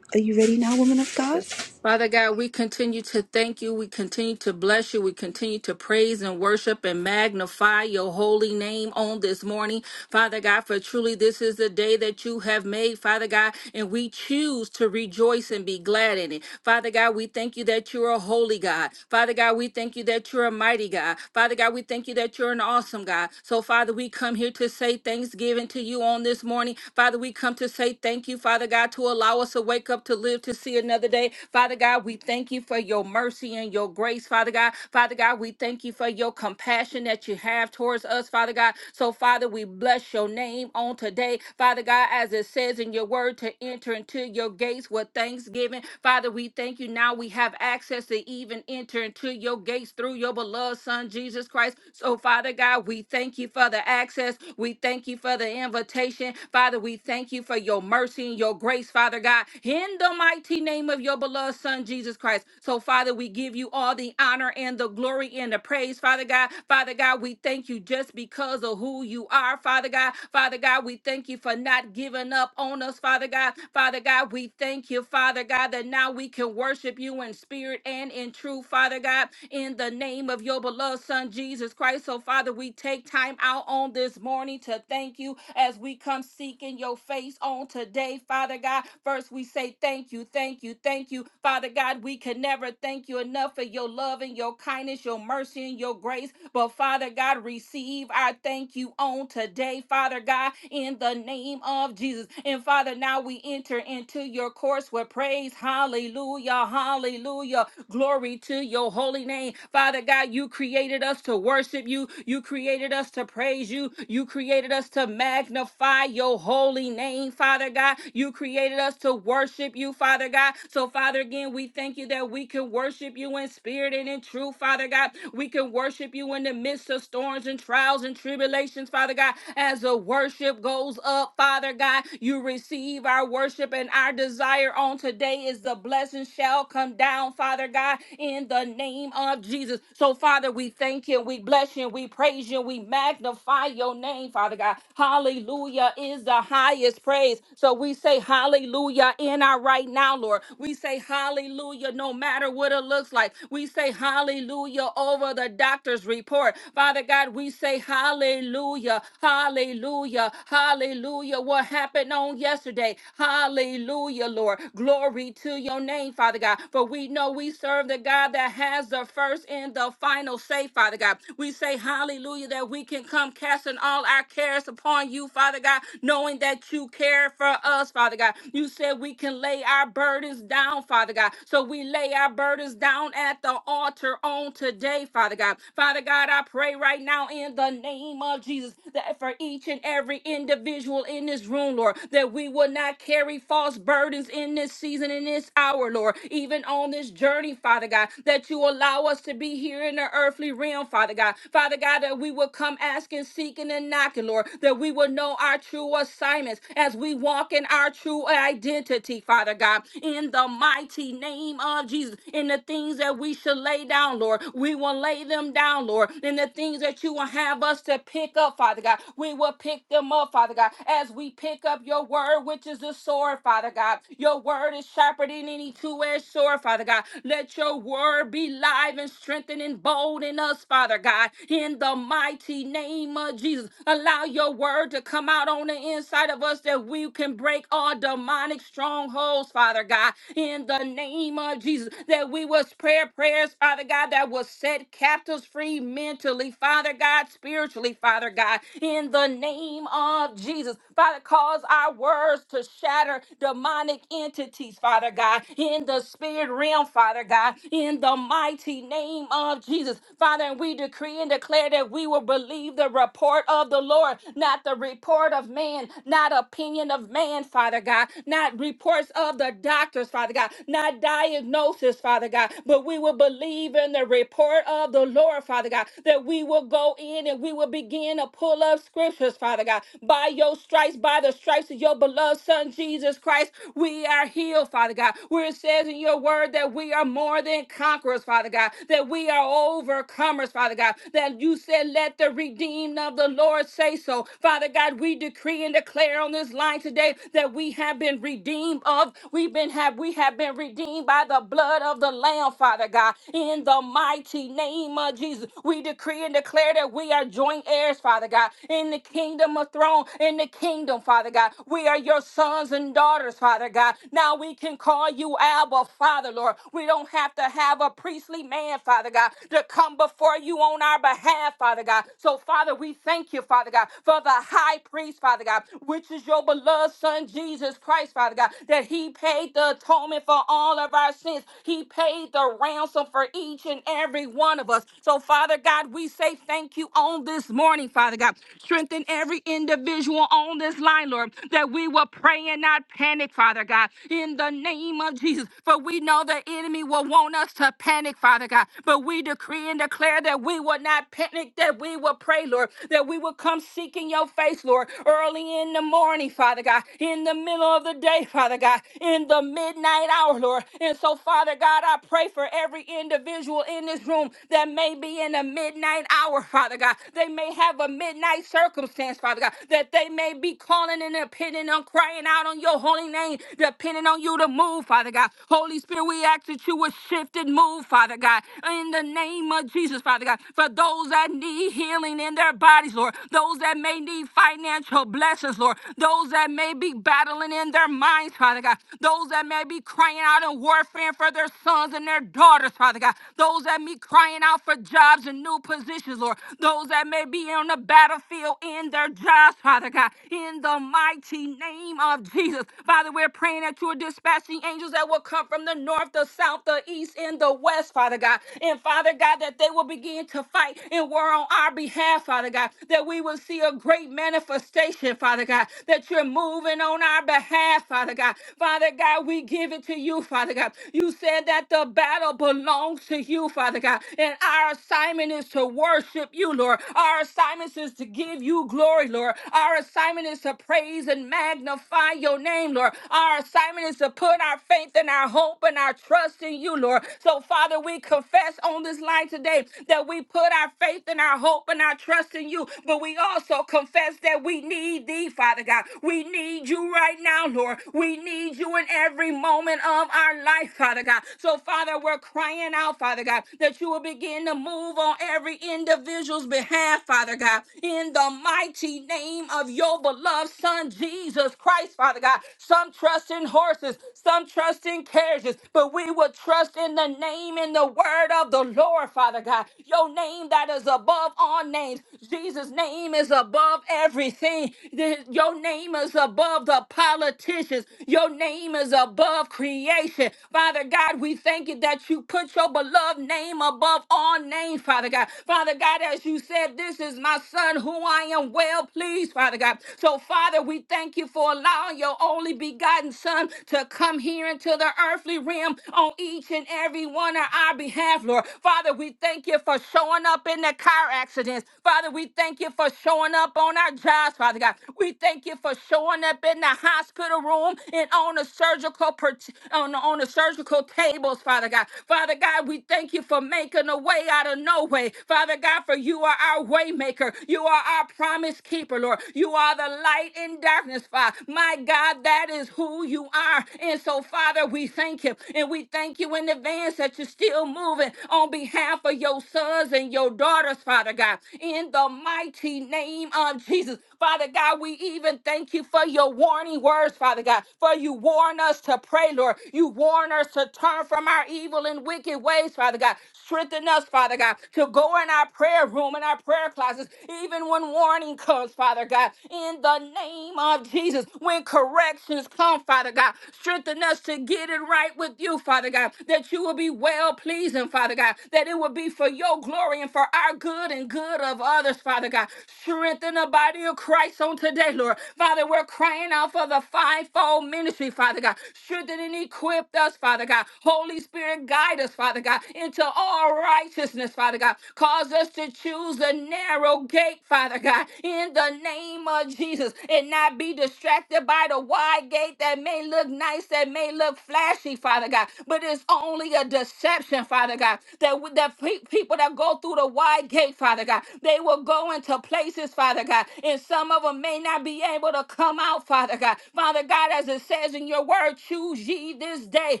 A: are you ready now, woman of God?
D: Yes. Father God, we continue to thank you. We continue to bless you. We continue to praise and worship and magnify your holy name on this morning. Father God, for truly this is the day that you have made, Father God, and we choose to rejoice and be glad in it. Father God, we thank you that you're a holy God. Father God, we thank you that you're a mighty God. Father God, we thank you that you're an awesome God. So, Father, we come here to say thanksgiving to you on this morning. Father, we come to say thank you, Father God, to allow us to wake up to live to see another day. Father God, we thank you for your your mercy and your grace, Father God. Father God, we thank you for your compassion that you have towards us, Father God. So, Father, we bless your name on today, Father God, as it says in your word to enter into your gates with thanksgiving. Father, we thank you now we have access to even enter into your gates through your beloved Son, Jesus Christ. So, Father God, we thank you for the access. We thank you for the invitation salvation. Father, we thank you for your mercy and your grace, Father God, in the mighty name of your beloved Son, Jesus Christ. So, Father, we give you all the honor and the glory and the praise, Father God. Father God, we thank you just because of who you are, Father God. Father God, we thank you for not giving up on us, Father God. Father God, we thank you, Father God, that now we can worship you in spirit and in truth, Father God in the name of your beloved Son, Jesus Christ. So, Father, we take time out on this morning to thank you as we come seeking your face on today, Father God. First, we say thank you, thank you, thank you, Father God. We can never thank you enough for your love and your kindness, your mercy and your grace. But, Father God, receive our thank you on today, Father God, in the name of Jesus. And, Father, now we enter into your course with praise. Hallelujah, hallelujah. Glory to your holy name. Father God, you created us to worship you. You created us to praise you. You created us to magnify your holy name, Father God. You created us to worship you, Father God. So, Father, again, we thank you that we can worship you in spirit and in truth, Father God. We can worship you in the midst of storms and trials and tribulations, Father God. As the worship goes up, Father God, you receive our worship and our desire on today is the blessing shall come down down, Father God, in the name of Jesus. So, Father, we thank you, we bless you, we praise you, we magnify your name, Father God. Hallelujah is the highest praise. So, we say hallelujah in our right now, Lord. We say hallelujah no matter what it looks like. We say hallelujah over the doctor's report. Father God, we say hallelujah, hallelujah, hallelujah. What happened on yesterday? Hallelujah, Lord. Glory to your name, Father. Father God. For we know we serve the God that has the first and the final say, Father God. We say hallelujah that we can come casting all our cares upon you, Father God, knowing that you care for us, Father God. You said we can lay our burdens down, Father God. So we lay our burdens down at the altar on today, Father God. Father God, I pray right now in the name of Jesus that for each and every individual in this room, Lord, that we will not carry false burdens in this season, in this hour, Lord, even on this journey, Father God, that you allow us to be here in the earthly realm, Father God. Father God, that we will come asking, seeking, and knocking, Lord, that we will know our true assignments as we walk in our true identity, Father God, in the mighty name of Jesus, in the things that we should lay down, Lord. We will lay them down, Lord, in the things that you will have us to pick up, Father God. We will pick them up, Father God, as we pick up your word, which is the sword, Father God. Your word is is sharper than any two-edged sword, Father God. Let your word be live and strengthened and bold in us, Father God. In the mighty name of Jesus, allow your word to come out on the inside of us that we can break all demonic strongholds, Father God. In the name of Jesus, that we will pray prayers, Father God, that will set captives free mentally, Father God, spiritually, Father God. In the name of Jesus, Father, cause our words to shatter demonic demonic entities, Father God, in the spirit realm, Father God, in the mighty name of Jesus. Father, and we decree and declare that we will believe the report of the Lord, not the report of man, not opinion of man, Father God, not reports of the doctors, Father God, not diagnosis, Father God, but we will believe in the report of the Lord, Father God, that we will go in and we will begin to pull up scriptures, Father God, by your stripes, by the stripes of your beloved Son, Jesus Christ. Christ, we are healed, Father God. Where it says in your word that we are more than conquerors, Father God, that we are overcomers, Father God, that you said, let the redeemed of the Lord say so. Father God, we decree and declare on this line today that we have been redeemed of, we've been have we have been redeemed by the blood of the Lamb, Father God. In the mighty name of Jesus, we decree and declare that we are joint heirs, Father God, in the kingdom of throne, in the kingdom, Father God. We are your sons sons and daughters, Father God. Now we can call you Abba, Father, Lord. We don't have to have a priestly man, Father God, to come before you on our behalf, Father God. So, Father, we thank you, Father God, for the high priest, Father God, which is your beloved Son, Jesus Christ, Father God, that he paid the atonement for all of our sins. He paid the ransom for each and every one of us. So, Father God, we say thank you on this morning, Father God. Strengthen every individual on this line, Lord, that we we will pray and not panic, Father God, in the name of Jesus. For we know the enemy will want us to panic, Father God. But we decree and declare that we will not panic, that we will pray, Lord, that we will come seeking your face, Lord, early in the morning, Father God, in the middle of the day, Father God, in the midnight hour, Lord. And so, Father God, I pray for every individual in this room that may be in the midnight hour, Father God. They may have a midnight circumstance, Father God, that they may be calling in and depending on crying out on your holy name, depending on you to move, Father God. Holy Spirit, we ask that you would shift and move, Father God, in the name of Jesus, Father God. For those that need healing in their bodies, Lord, those that may need financial blessings, Lord, those that may be battling in their minds, Father God, those that may be crying out in warfare for their sons and their daughters, Father God, those that may be crying out for jobs and new positions, Lord, those that may be on the battlefield in their jobs, Father God, in the mighty name of Jesus. Father, we're praying that you're dispatching angels that will come from the north, the south, the east, and the west, Father God. And Father God, that they will begin to fight and war on our behalf, Father God. That we will see a great manifestation, Father God. That you're moving on our behalf, Father God. Father God, we give it to you, Father God. You said that the battle belongs to you, Father God. And our assignment is to worship you, Lord. Our assignment is to give you glory, Lord. Our assignment is to praise and magnify your name, Lord. Our assignment is to put our faith and our hope and our trust in you, Lord. So, Father, we confess on this line today that we put our faith and our hope and our trust in you, but we also confess that we need thee, Father God. We need you right now, Lord. We need you in every moment of our life, Father God. So, Father, we're crying out, Father God, that you will begin to move on every individual's behalf, Father God, in the mighty mighty name of your beloved Son, Jesus Christ, Father God. Some trust in horses, some trust in carriages, but we will trust in the name and the word of the Lord, Father God. Your name that is above all names. Jesus' name is above everything. The- Your name is above the politicians. Your name is above creation. Father God, we thank you that you put your beloved name above all names, Father God. Father God, as you said, this is my son who know I am well pleased, Father God. So, Father, we thank you for allowing your only begotten Son to come here into the earthly realm on each and every one on our behalf, Lord. Father, we thank you for showing up in the car accidents. Father, we thank you for showing up on our jobs, Father God. We thank you for showing up in the hospital room and on the surgical per- on, the, on the surgical tables, Father God. Father God, we thank you for making a way out of no way. Father God, for you are our waymaker. Father. You are our promise keeper, Lord. You are the light in darkness, Father. My God, that is who you are. And so, Father, we thank you. And we thank you in advance that you're still moving on behalf of your sons and your daughters, Father God. In the mighty name of Jesus. Father God, we even thank you for your warning words, Father God, for you warn us to pray, Lord. You warn us to turn from our evil and wicked ways, Father God. Strengthen us, Father God, to go in our prayer room and our prayer closets, even when warning comes, Father God, in the name of Jesus. When corrections come, Father God, strengthen us to get it right with you, Father God, that you will be well pleasing, Father God, that it will be for your glory and for our good and good of others, Father God. Strengthen the body of Christ on today, Lord. Father, we're crying out for the fivefold ministry, Father God. Strengthen and equip us, Father God. Holy Spirit, guide us, Father God, into into all righteousness, Father God. Cause us to choose a narrow gate, Father God, in the name of Jesus, and not be distracted by the wide gate that may look nice, that may look flashy, Father God, but it's only a deception, Father God. That with the pe- people that go through the wide gate, Father God, they will go into places, Father God, and some of them may not be able to come out, Father God. Father God, as it says in your word, choose ye this day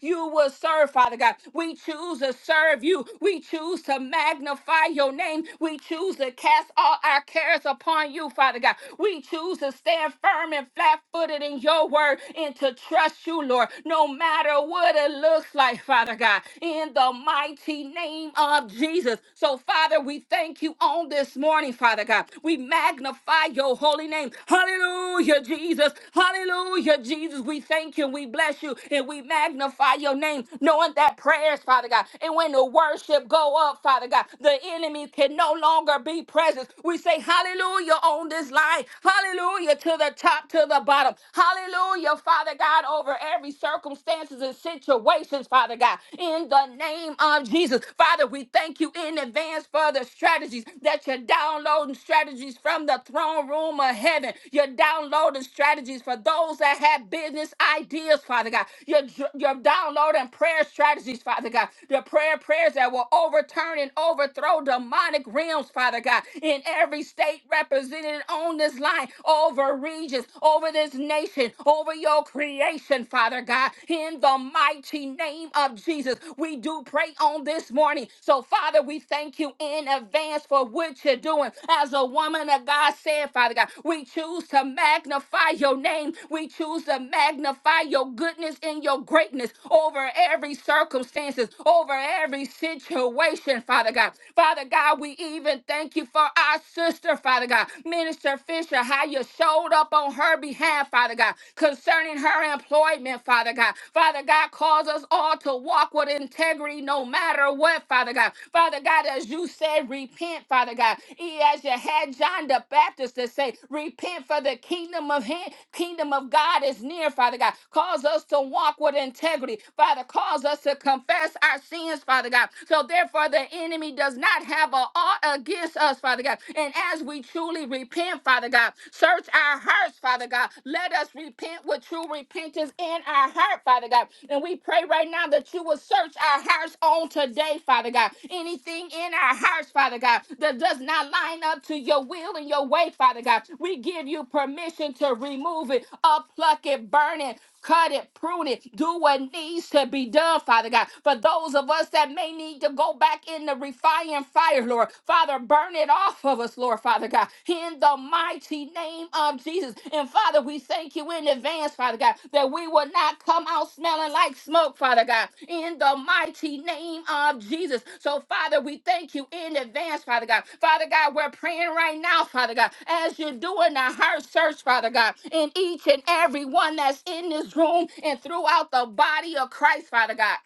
D: you will serve, Father God. We choose to serve serve you. We choose to magnify your name. We choose to cast all our cares upon you, Father God. We choose to stand firm and flat footed in your word and to trust you, Lord, no matter what it looks like, Father God, in the mighty name of Jesus. So, Father, we thank you on this morning, Father God. We magnify your holy name. Hallelujah, Jesus. Hallelujah, Jesus. We thank you. We bless you and we magnify your name, knowing that prayers, Father God. God. And when the worship go up, Father God, the enemy can no longer be present. We say hallelujah on this line. Hallelujah to the top, to the bottom. Hallelujah, Father God, over every circumstances and situations, Father God. In the name of Jesus. Father, we thank you in advance for the strategies that you're downloading strategies from the throne room of heaven. You're downloading strategies for those that have business ideas, Father God. You're, you're downloading prayer strategies, Father God the prayer prayers that will overturn and overthrow demonic realms, Father God, in every state represented on this line, over regions, over this nation, over your creation, Father God, in the mighty name of Jesus. We do pray on this morning. So, Father, we thank you in advance for what you're doing. As a woman of God said, Father God, we choose to magnify your name. We choose to magnify your goodness and your greatness over every circumstance. Jesus, over every situation, Father God. Father God, we even thank you for our sister, Father God. Minister Fisher, how you showed up on her behalf, Father God, concerning her employment, Father God. Father God, cause us all to walk with integrity no matter what, Father God. Father God, as you said, repent, Father God. E- As you had John the Baptist to say, repent for the kingdom of him, kingdom of God is near, Father God. Cause us to walk with integrity, Father. Cause us to confess confess our sins, Father God. So therefore, the enemy does not have a ought against us, Father God. And as we truly repent, Father God, search our hearts, Father God. Let us repent with true repentance in our heart, Father God. And we pray right now that you will search our hearts on today, Father God. Anything in our hearts, Father God, that does not line up to your will and your way, Father God. We give you permission to remove it, uppluck it, burn it, Cut it, prune it, do what needs to be done, Father God. For those of us that may need to go back in the refining fire, Lord, Father, burn it off of us, Lord, Father God, in the mighty name of Jesus. And Father, we thank you in advance, Father God, that we will not come out smelling smelling like smoke, Father God, in the mighty name of Jesus. So, Father, we thank you in advance, Father God. Father God, we're praying right now, Father God, as you're doing a heart search, Father God, in each and every one that's in this room and throughout the body of Christ, Father God.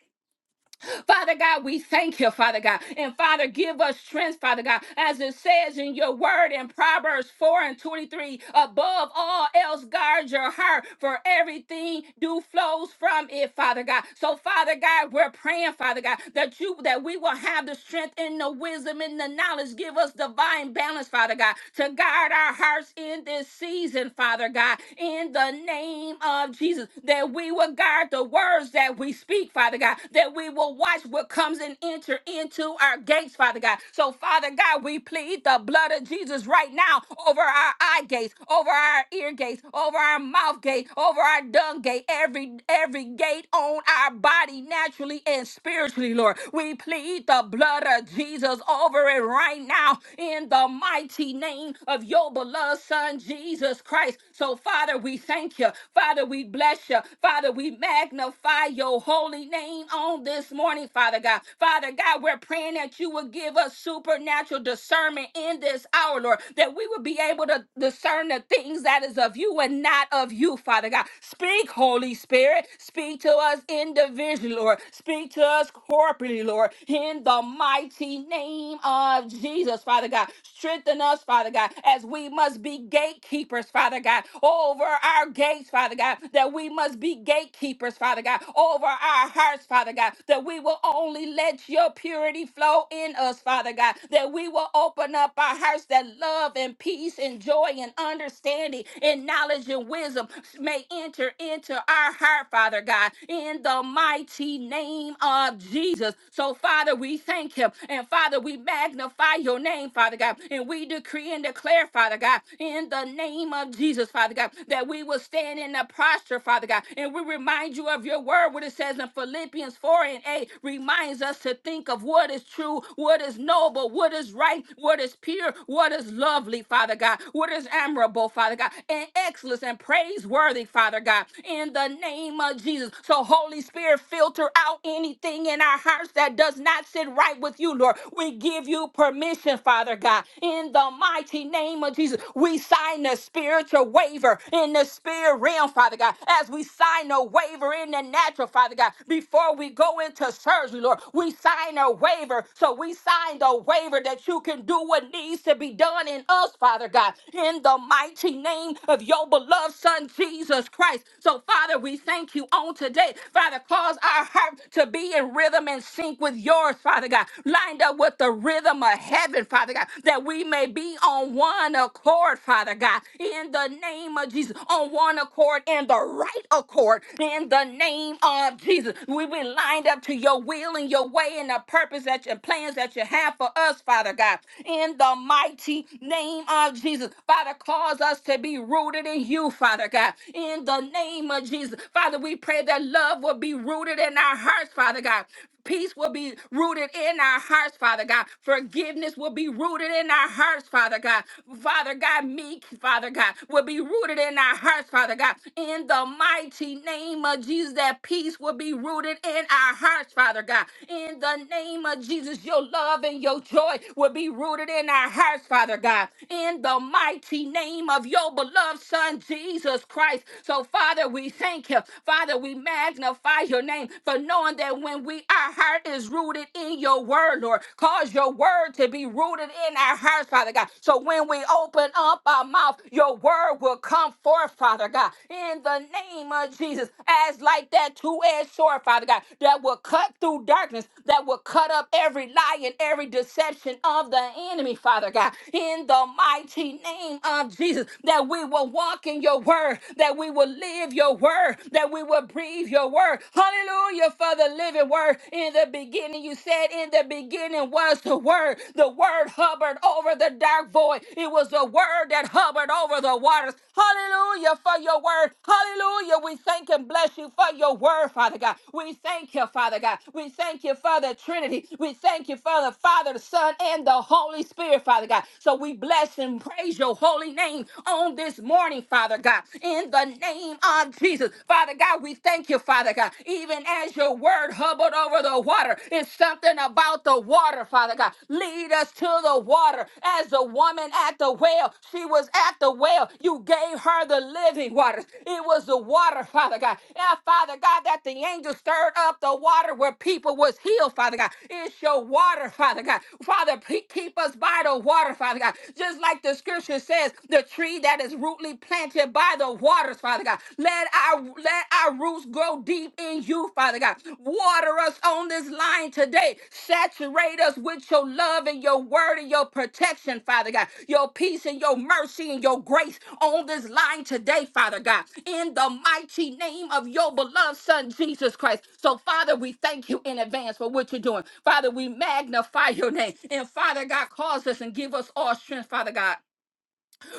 D: Father God, we thank you, Father God. And Father, give us strength, Father God, as it says in your word in Proverbs 4 and 23 above all else, guard your heart, for everything do flows from it, Father God. So, Father God, we're praying, Father God, that you that we will have the strength and the wisdom and the knowledge. Give us divine balance, Father God, to guard our hearts in this season, Father God, in the name of Jesus, that we will guard the words that that we speak, Father God, that we will watch what comes and enter into our gates, Father God. So, Father God, we plead the blood of Jesus right now over our eye gates, over our ear gates, over our mouth gate, over our dung gate, every every gate on our body, naturally and spiritually, Lord. We plead the blood of Jesus over it right now in the mighty name of your beloved Son, Jesus Christ. So, Father, we thank you. Father, we bless you. Father, we magnify your holy name on this morning, Father God. Father God, we're praying that you would give us supernatural discernment in this hour, Lord, that we would be able to discern the things that is of you and not of you, Father God. Speak, Holy Spirit. Speak to us individually, Lord. Speak to us corporately, Lord, in the mighty name of Jesus, Father God. Strengthen us, Father God, as we must must be gatekeepers, Father God, over our gates, Father God, that we must be gatekeepers, Father God, over our hearts, Father God, that we will only let your purity flow in us, Father God, that we will open up our hearts that love and peace and joy and understanding and knowledge and wisdom may enter into our heart, Father God, in the mighty name of Jesus. So, Father, we thank him. And Father, we magnify your name, Father God. And we decree and declare, Father God, in the name of Jesus, Father God, that we will stand in the posture, Father God. And we remind you of your word, what it says in Philippians 4 and 8 reminds us to think of what is true, what is noble, what is right, what is pure, what is lovely, Father God, what is admirable, Father God, and excellent and praiseworthy, Father God, in the name of Jesus. So, Holy Spirit, filter out anything in our hearts that does not sit right with you, Lord. We give you due permission, Father God. In the mighty name of Jesus, we sign the spiritual waiver in the spirit realm, Father God. As we sign a waiver in the natural, Father God, before we go into surgery, Lord, we sign a waiver. So we sign the waiver that you can do what needs to be done in us, Father God, in the mighty name of your beloved Son, Jesus Christ. So, Father, we thank you on today. Father, cause our heart to be in rhythm and sync with yours, Father. Father God, lined up with the rhythm of heaven, Father God, that we may be on one accord, Father God, in the name of Jesus, on one accord, in the right accord, in the name of Jesus. We be lined up to your will and your way and the purpose that your plans that you have for us, Father God, in the mighty name of Jesus. Father, cause us to be rooted in you, Father God, in the name of Jesus. Father, we pray that love will be rooted in our hearts, Father God. Peace will be rooted in our hearts, Father God. Forgiveness will be rooted in our hearts, Father God. Father God, meek, Father God, will be rooted in our hearts, Father God. In the mighty name of Jesus, that peace will be rooted in our hearts, Father God. In the name of Jesus, your love and your joy will be rooted in our hearts, Father God. In the mighty name of your beloved Son, Jesus Christ. So, Father, we thank you. Father, we magnify your name name for knowing that when we our heart is rooted in your word, Lord, cause your word to be rooted in our hearts, Father God. So when we open up our mouth, your word will come forth, Father God, in the name of Jesus, as like that two-edged sword, Father God, that will cut through darkness, that will cut up every lie and every deception of the enemy, Father God, in the mighty name of Jesus, that we will walk in your word, that we will live your word, that that we will breathe your word. Hallelujah for the living word. In the beginning, you said, in the beginning was the word. The word hovered over the dark void. It was the word that hovered over the waters. Hallelujah for your word. Hallelujah. We thank and bless you for your word, Father God. We thank you, Father God. We thank you for the Trinity. We thank you for the Father, the Son, and the Holy Spirit, Father God. So we bless and praise your holy name on this morning, Father God. In the in the name of Jesus. Father God, we thank you, Father God. Even as your word hovered over the water, it's something about the water, Father God. Lead us to the water. As the woman at the well, she was at the well. You gave her the living water. It was the water, Father God. Yeah, Father God, that the angel stirred up the water where people was healed, Father God. It's your water, Father God. Father, pe- keep us by the water, Father God. Just like the scripture says, the tree that is is rootly planted by the waters, Father God. Let our let our roots grow deep in you, Father God. Water us on this line today. Saturate us with your love and your word and your protection, Father God. Your peace and your mercy and your grace on this line today, Father God. In the mighty name of your beloved Son Jesus Christ. So, Father, we thank you in advance for what you're doing. Father, we magnify your name. And Father God, cause us and give us all strength, Father God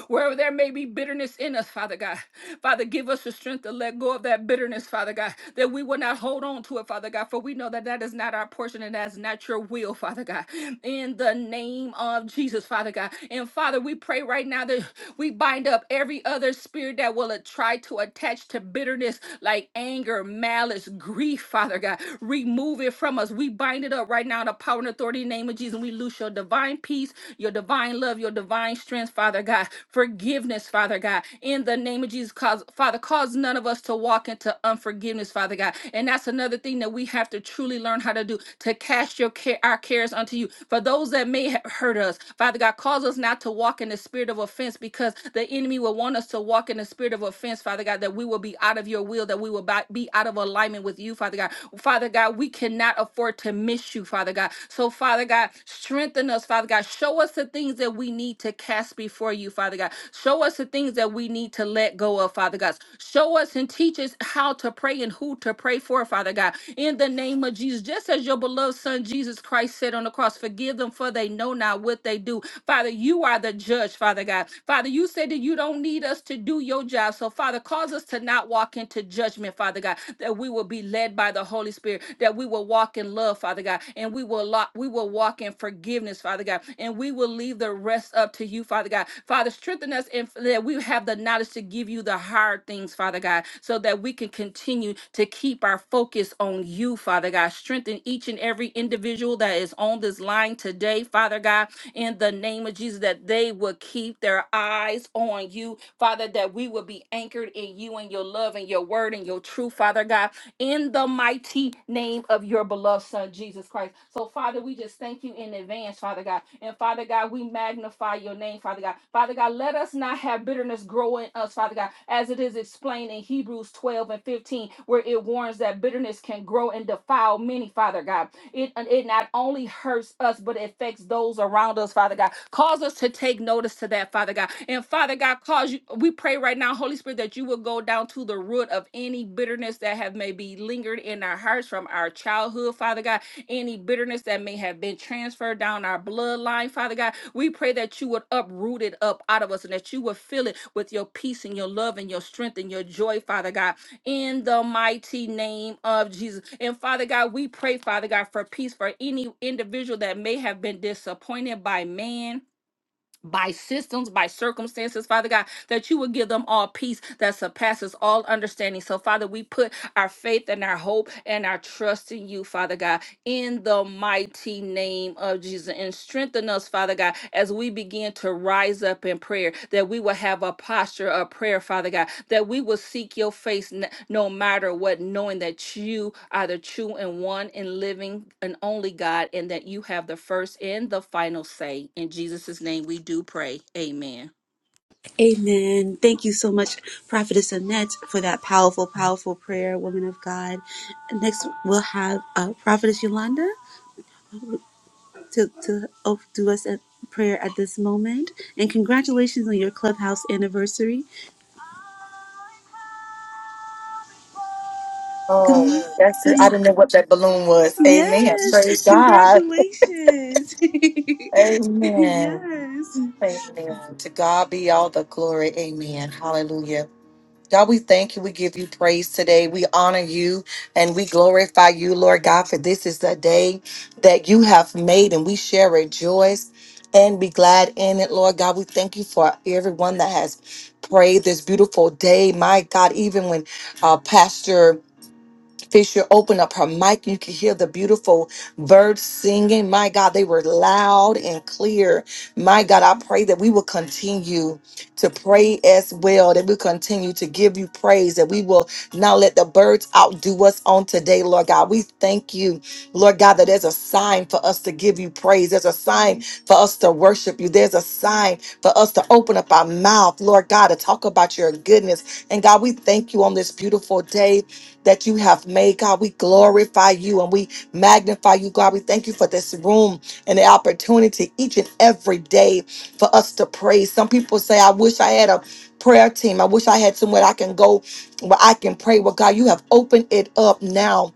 D: Wherever there may be bitterness in us, Father God, Father, give us the strength to let go of that bitterness, Father God, that we will not hold on to it, Father God, for we know that that is not our portion and that's not your will, Father God. In the name of Jesus, Father God. And Father, we pray right now that we bind up every other spirit that will a- try to attach to bitterness like anger, malice, grief, Father God. Remove it from us. We bind it up right now in the power and authority name of name of Jesus. We loose your divine peace, your divine love, your divine strength, Father God. Forgiveness, Father God. In the name of Jesus, cause Father, cause none of us to walk into unforgiveness, Father God. And that's another thing that we have to truly learn how to do to cast your care, our cares unto you. For those that may have hurt us, Father God, cause us not to walk in the spirit of offense because the enemy will want us to walk in the spirit of offense, Father God, that we will be out of your will, that we will bi- be out of alignment with moment with you, Father God. Father God, we cannot afford to miss you, Father God. So, Father God, strengthen us, Father God. Show us the things that we need to cast before you, Father God. Show us the things that we need to let go of, Father God. Show us and teach us how to pray and who to pray for, Father God. In the name of Jesus, just as your beloved Son Jesus Christ said on the cross, forgive them for they know not what they do. Father, you are the judge, Father God. Father, you said that you don't need us us to do your job. So, Father, cause us to not walk into judgment, Father God, that we will be led by the Holy Spirit, that we will walk in love, Father God, and we will lo- we will walk in forgiveness, Father God, and we will leave the rest up to you, Father God. Father, strengthen us and that we have the knowledge to give you the hard things, Father God, so that we can continue to keep our focus on you, Father God. Strengthen each and every individual that is on this line today, Father God in the name of Jesus, that they would keep their eyes on you, Father, that we would be anchored in you and your love and your word and your truth, Father God, in the mighty name of your beloved Son, Jesus Christ. So, Father, we just thank you in advance, Father God. And, Father God, we magnify your name, Father God. Father God, let us not have bitterness grow in us, Father God, as it is explained in Hebrews 12 and 15, where it warns that bitterness can grow in and defile many, Father God. It, it not only hurts us, but it affects those around us, Father God. Cause us to take notice to that, Father God. And Father God, cause you, we pray right now, Holy Spirit, that you will go down to the root of any bitterness that have maybe lingered in our hearts from our childhood, Father God. Any bitterness that may have been transferred down our bloodline, Father God. We pray that you would uproot it up out of us and that you would fill it with your peace and your love and your strength and your joy, Father God in the mighty name of Jesus. And Father God, we pray, Father God, for peace for any individual that may have been disappointed by man. By systems, by circumstances, Father God, that you would give them all peace that surpasses all understanding. So, Father, we put our faith and our hope and our trust in you, Father God in the mighty name of Jesus. And strengthen us, Father God, as we begin to rise up in prayer, that we will have a posture of prayer, Father God, that we will seek your face n- no matter what, knowing that you are the true and one and living and only God, and that you have the first and the final say. In Jesus' name we do pray. Amen.
A: Amen. Thank you so much, Prophetess Annette, for that powerful, powerful prayer, woman of God. Next, we'll have uh, Prophetess Yolanda to, to oh, do us a prayer at this moment. And congratulations on your clubhouse anniversary. Good
F: Oh, that's it.
A: morning.
F: I didn't know what that balloon was. Amen.
A: Yes,
F: Praise God.
A: congratulations.
F: Amen.
A: yes.
F: Amen. To God be all the glory. Amen. Hallelujah. God, we thank you. We give you praise today. We honor you and we glorify you, Lord God, for this is the day that you have made and we shall rejoice and be glad in it, Lord God. We thank you for everyone that has prayed this beautiful day. My God, even when uh, Pastor Fisher opened up her mic. You could hear the beautiful birds singing. My God, they were loud and clear. My God, I pray that we will continue to pray as well, that we continue to give you praise, that we will not let the birds outdo us on today, Lord God. We thank you, Lord God, that there's a sign for us to give you praise. There's a sign for us to worship you. There's a sign for us to open up our mouth, Lord God, to talk about your goodness. And God, we thank you on this beautiful day that you have made, God. We glorify you and we magnify you, God. We thank you for this room and the opportunity each and every day for us to praise. Some people say, I wish I had a prayer team. I wish I had somewhere I can go where I can pray. Well, God, you have opened it up now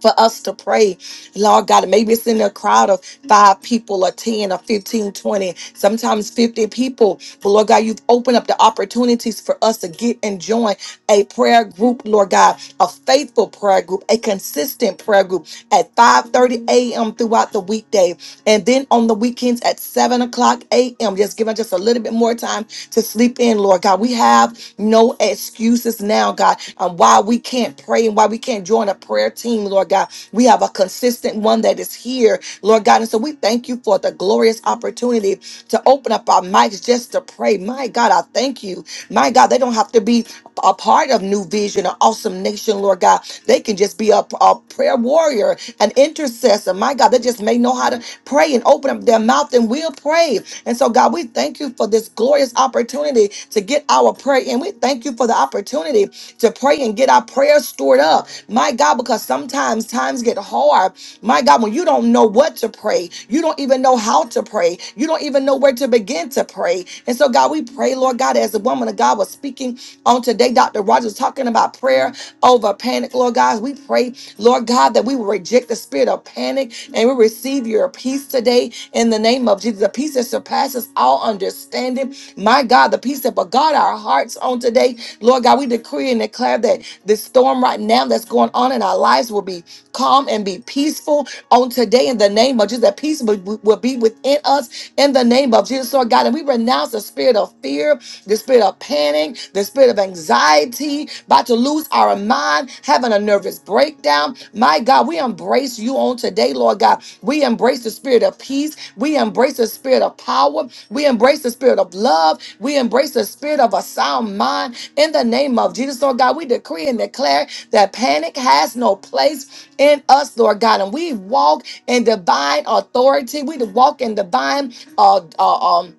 F: for us to pray. Lord God, maybe it's in a crowd of five people or 10 or fifteen, twenty. sometimes 50 people. But Lord God, you've opened up the opportunities for us to get and join a prayer group, Lord God, a faithful prayer group, a consistent prayer group at 5:30 a.m. throughout the weekday. And then on the weekends at 7 o'clock a.m., just giving just a little bit more time to sleep in, Lord God. We have no excuses now, God, on why we can't pray and why we can't join a prayer team, Lord God. We have a consistent one that is here, Lord God. And so we thank you for the glorious opportunity to open up our mics just to pray. My God, I thank you. My God, they don't have to be a part of New Vision or Awesome Nation, Lord God. They can just be a, a prayer warrior warrior, an intercessor. My God, they just may know how to pray and open up their mouth and we'll pray. And so, God, we thank you for this glorious opportunity to get our prayer in. We thank you for the opportunity to pray and get our prayers stored up. My God, because sometimes times get hard. My God, when you don't know what to pray, you don't even know how to pray, you don't even know where to begin to pray. And so, God, we pray, Lord God, as the woman of God was speaking on today, Dr. Rogers talking about prayer over panic, Lord God. We pray, Lord God, that we will reject the spirit of panic and we receive your peace today in the name of Jesus. The peace that surpasses all understanding. My God, the peace that beguard our hearts on today. Lord God, we decree and declare that this storm right now that's going on in our lives will be calm and be peaceful on today in the name of Jesus. That peace will, will be within us in the name of Jesus, Lord God. And we renounce the spirit of fear, the spirit of panic planning, the spirit of anxiety, about to lose our mind, having a nervous breakdown. My God, we embrace you on today, Lord God. We embrace the spirit of peace. We embrace the spirit of power. We embrace the spirit of love. We embrace the spirit of a sound mind. In the name of Jesus, Lord God, we decree and declare that panic has no place in us, Lord God. And we walk in divine authority. We walk in divine uh, uh, um,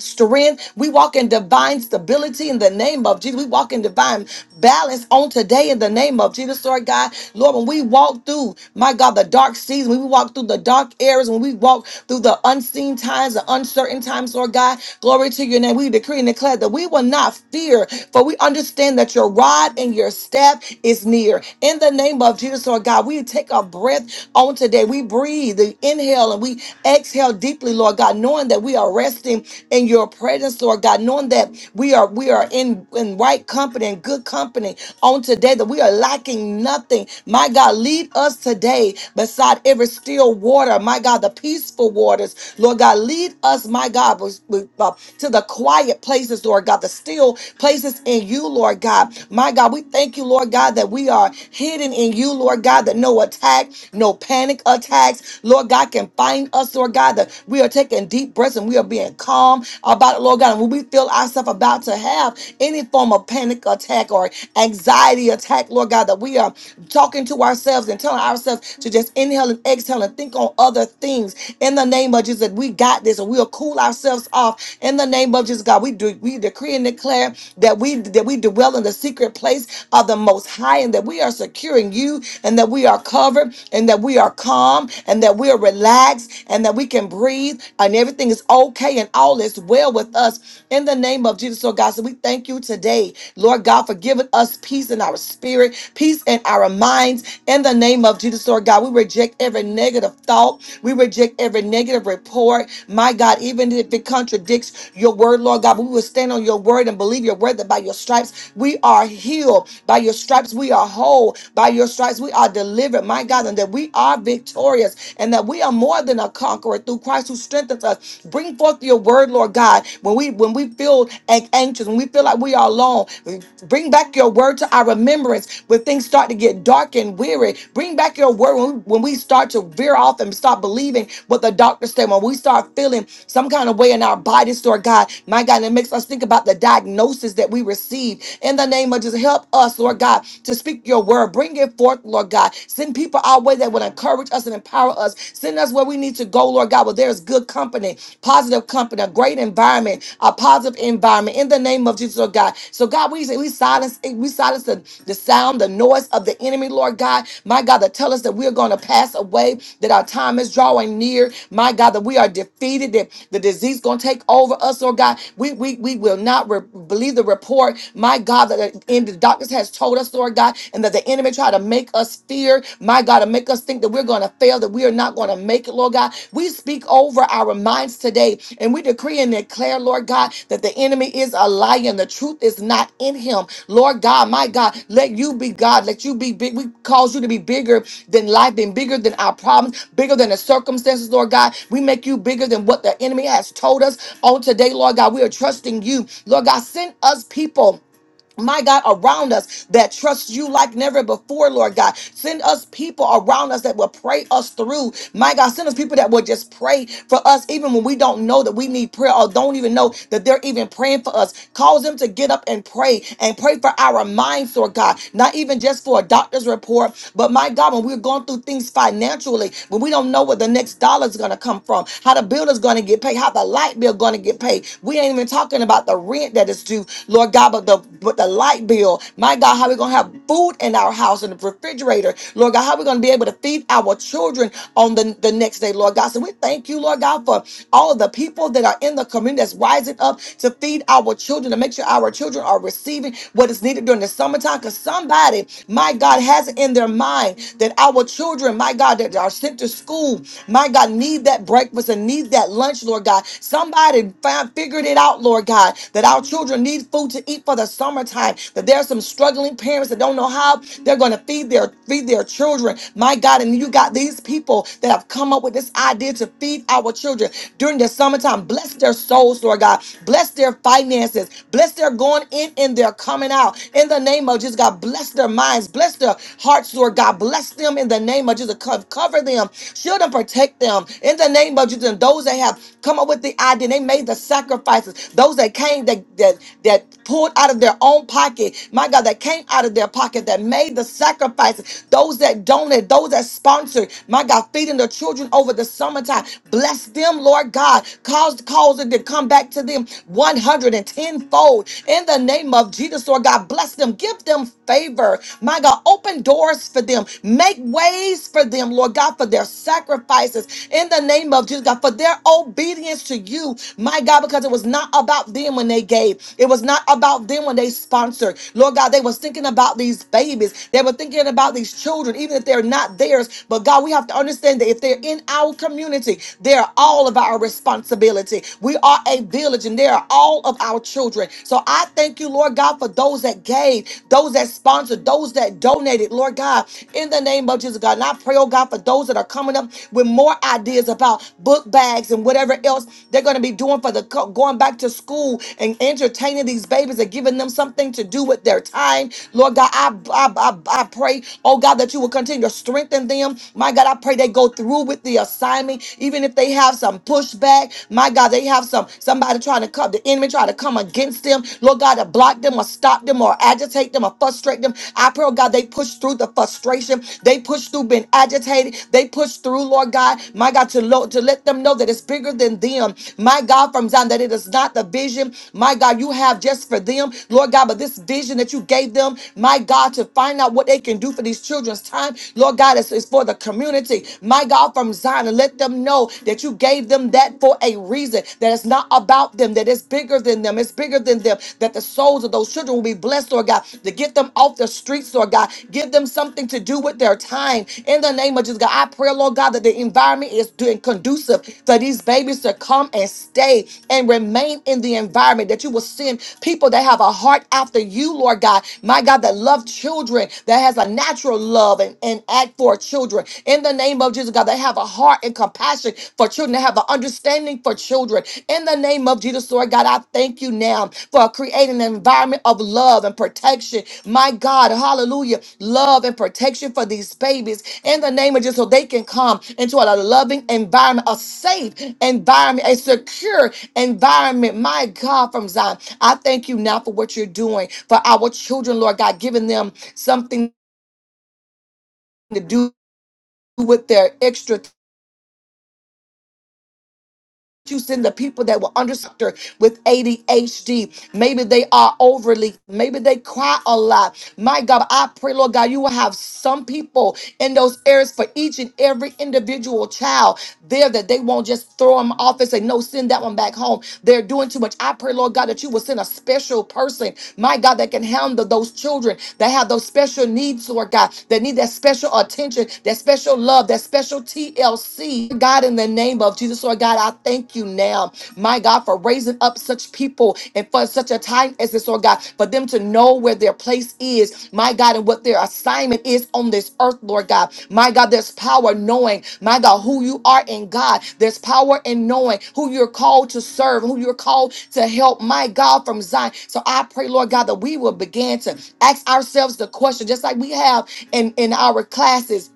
F: strength. We walk in divine stability in the name of Jesus. We walk in divine balance on today in the name of Jesus, Lord God. Lord, when we walk through, my God, the dark season, when we walk through the dark areas, when we walk through the unseen times, the uncertain times, Lord God, glory to your name. We decree and declare that we will not fear, for we understand that your rod and your staff is near. In the name of Jesus, Lord God, we take a breath on today. We breathe, we inhale, and we exhale deeply, Lord God knowing that we are resting in your presence, Lord God, knowing that we are we are in, in right company and good company on today, that we are lacking nothing. My God, lead us today beside every still water, my God, the peaceful waters. Lord God, lead us, my God, with- with, uh, to the quiet places, Lord God, the still places in you, Lord God. My God, we thank you, Lord God, that we are hidden in you, Lord God, that no attack, no panic attacks, Lord God, can find telling us, Lord God, that we are taking deep breaths and we are being calm about it, Lord God. And when we feel ourselves about to have any form of panic attack or anxiety attack, Lord God, that we are talking to ourselves and telling ourselves to just inhale and exhale and think on other things in the name of Jesus. That we got this and we'll cool ourselves off in the name of Jesus, God. We do we decree and declare that we that we dwell in the secret place of the most high and that we are securing you and that we are covered and that we are calm calm and that we're relaxed and that we can breathe and everything is okay and all is well with us in the name of Jesus. Lord God, so we thank you today, Lord God, for giving us peace in our spirit, peace in our minds in the name of Jesus. Lord God, we reject every negative thought, we reject every negative report, my God, even if it contradicts your word, Lord God, we will stand on your word and believe your word that by your stripes we are healed, by your stripes we are whole, by your stripes we are delivered Spirit, my God, and that we are victorious and that we are more than a conqueror through Christ who strengthens us. Bring forth your word, Lord God, when we when we feel an- anxious, when we feel like we are alone, bring back your word to our remembrance when things start to get dark and weary. Bring back your word when we, when we start to veer off and stop believing what the doctors say, when we start feeling some kind of way in our bodies, Lord God, my God, and it makes us think about the diagnosis that we receive in the name of Jesus. Help us, Lord God, to speak your word word. Bring it forth, Lord God. Send people our way that will encourage us and empower us. Send us where we need to go, Lord God, where there is good company, positive company, a great environment, a positive environment in the name of Jesus, Lord God. So, God, we, we silence we silence the, the sound, the noise of the enemy, Lord God. My God, that tell us that we're going to pass away, that our time is drawing near. My God, that we are defeated, that the disease going to take over us, Lord God. We, we, we will not re- believe the report, my God, that in the doctors has has told us, Lord God, and that the enemy tried to make us fear, my God, to make us think that we're going to fail, that we are not going to make it, Lord God. We speak over our minds today and we decree and declare, Lord God, that the enemy is a liar and the truth is not in him. Lord God, my God, let you be God. Let you be big. We cause you to be bigger than life, than bigger than our problems, bigger than the circumstances, Lord God. We make you bigger than what the enemy has told us on today, Lord God. We are trusting you. Lord God, send us people my God, around us that trust you like never before, Lord God. Send us people around us that will pray us through. My God, send us people that will just pray for us even when we don't know that we need prayer or don't even know that they're even praying for us. Cause them to get up and pray and pray for our minds, Lord God. Not even just for a doctor's report, but my God, when we're going through things financially, when we don't know where the next dollar is going to come from, how the bill is going to get paid, how the light bill going to get paid. We ain't even talking about the rent that is due, Lord God, but the the with the light bill. My God, how we gonna have food in our house in the refrigerator? Lord God, how we gonna be able to feed our children on the, the next day, Lord God? So we thank you, Lord God, for all of the people that are in the community that's rising up to feed our children to make sure our children are receiving what is needed during the summertime. Because somebody, my God, has it in their mind that our children, my God, that are sent to school, my God, need that breakfast and need that lunch, Lord God. Somebody found, figured it out, Lord God, that our children need food to eat for the summertime. That there are some struggling parents that don't know how they're going to feed their feed their children. My God, and you got these people that have come up with this idea to feed our children during the summertime. Bless their souls, Lord God. Bless their finances. Bless their going in and their coming out. In the name of Jesus, God, bless their minds. Bless their hearts, Lord God. Bless them in the name of Jesus. Co- Cover them. Shield and protect them. In the name of Jesus, and those that have come up with the idea, they made the sacrifices. Those that came, that, that that pulled out of their own pocket, my God, that came out of their pocket, that made the sacrifices, those that donated, those that sponsored, my God, feeding the children over the summertime. Bless them, Lord God. Cause, cause it to come back to them 110 fold in the name of Jesus, Lord God. Bless them, give them favor, my God. Open doors for them, make ways for them, Lord God, for their sacrifices in the name of Jesus, God, for their obedience to you, my God, because it was not about them when they gave gave. It was not about them when they sponsored. Lord God, they was thinking about these babies. They were thinking about these children, even if they're not theirs. But God, we have to understand that if they're in our community, they're all of our responsibility. We are a village and they are all of our children. So I thank you, Lord God, for those that gave, those that sponsored, those that donated, Lord God, in the name of Jesus, God. And I pray, oh God, for those that are coming up with more ideas about book bags and whatever else they're going to be doing for the co- going back to school school and entertaining these babies and giving them something to do with their time. Lord God, I, I, I, I pray, oh God, that you will continue to strengthen them. My God, I pray they go through with the assignment, even if they have some pushback. My God, they have some somebody trying to come, the enemy trying to come against them. Lord God, to block them or stop them or agitate them or frustrate them. I pray, oh God, they push through the frustration. They push through being agitated. They push through, Lord God, my God, to, lo- to let them know that it's bigger than them. My God, from Zion, that it is not not the vision, my God, you have just for them, Lord God, but this vision that you gave them, my God, to find out what they can do for these children's time, Lord God, it's, it's for the community, my God, from Zion, and let them know that you gave them that for a reason, that it's not about them, that it's bigger than them, it's bigger than them, that the souls of those children will be blessed, Lord God, to get them off the streets, Lord God, give them something to do with their time. In the name of Jesus, God, I pray, Lord God, that the environment is doing conducive for these babies to come and stay and. Remain in the environment that you will send people that have a heart after you, Lord God. My God, that love children, that has a natural love and, and act for children. In the name of Jesus, God, that have a heart and compassion for children, that have an understanding for children. In the name of Jesus, Lord God, I thank you now for creating an environment of love and protection. My God, hallelujah. Love and protection for these babies. In the name of Jesus, so they can come into a loving environment, a safe environment, a secure environment, my God, from Zion. I thank you now for what you're doing for our children, Lord God, giving them something to do with their extra. You send the people that were underserved with ADHD. Maybe they are overly, maybe they cry a lot. My God, I pray, Lord God, you will have some people in those areas for each and every individual child there that they won't just throw them off and say, No, send that one back home. They're doing too much. I pray, Lord God, that you will send a special person, my God, that can handle those children that have those special needs, Lord God, that need that special attention, that special love, that special TLC. God, in the name of Jesus, Lord God, I thank you now, my God, for raising up such people and for such a time as this, Lord God, for them to know where their place is, my God, and what their assignment is on this earth, Lord God. My God, there's power knowing, my God, who you are in God. There's power in knowing who you're called to serve, who you're called to help, my God, from Zion. So I pray, Lord God, that we will begin to ask ourselves the question, just like we have in, in our classes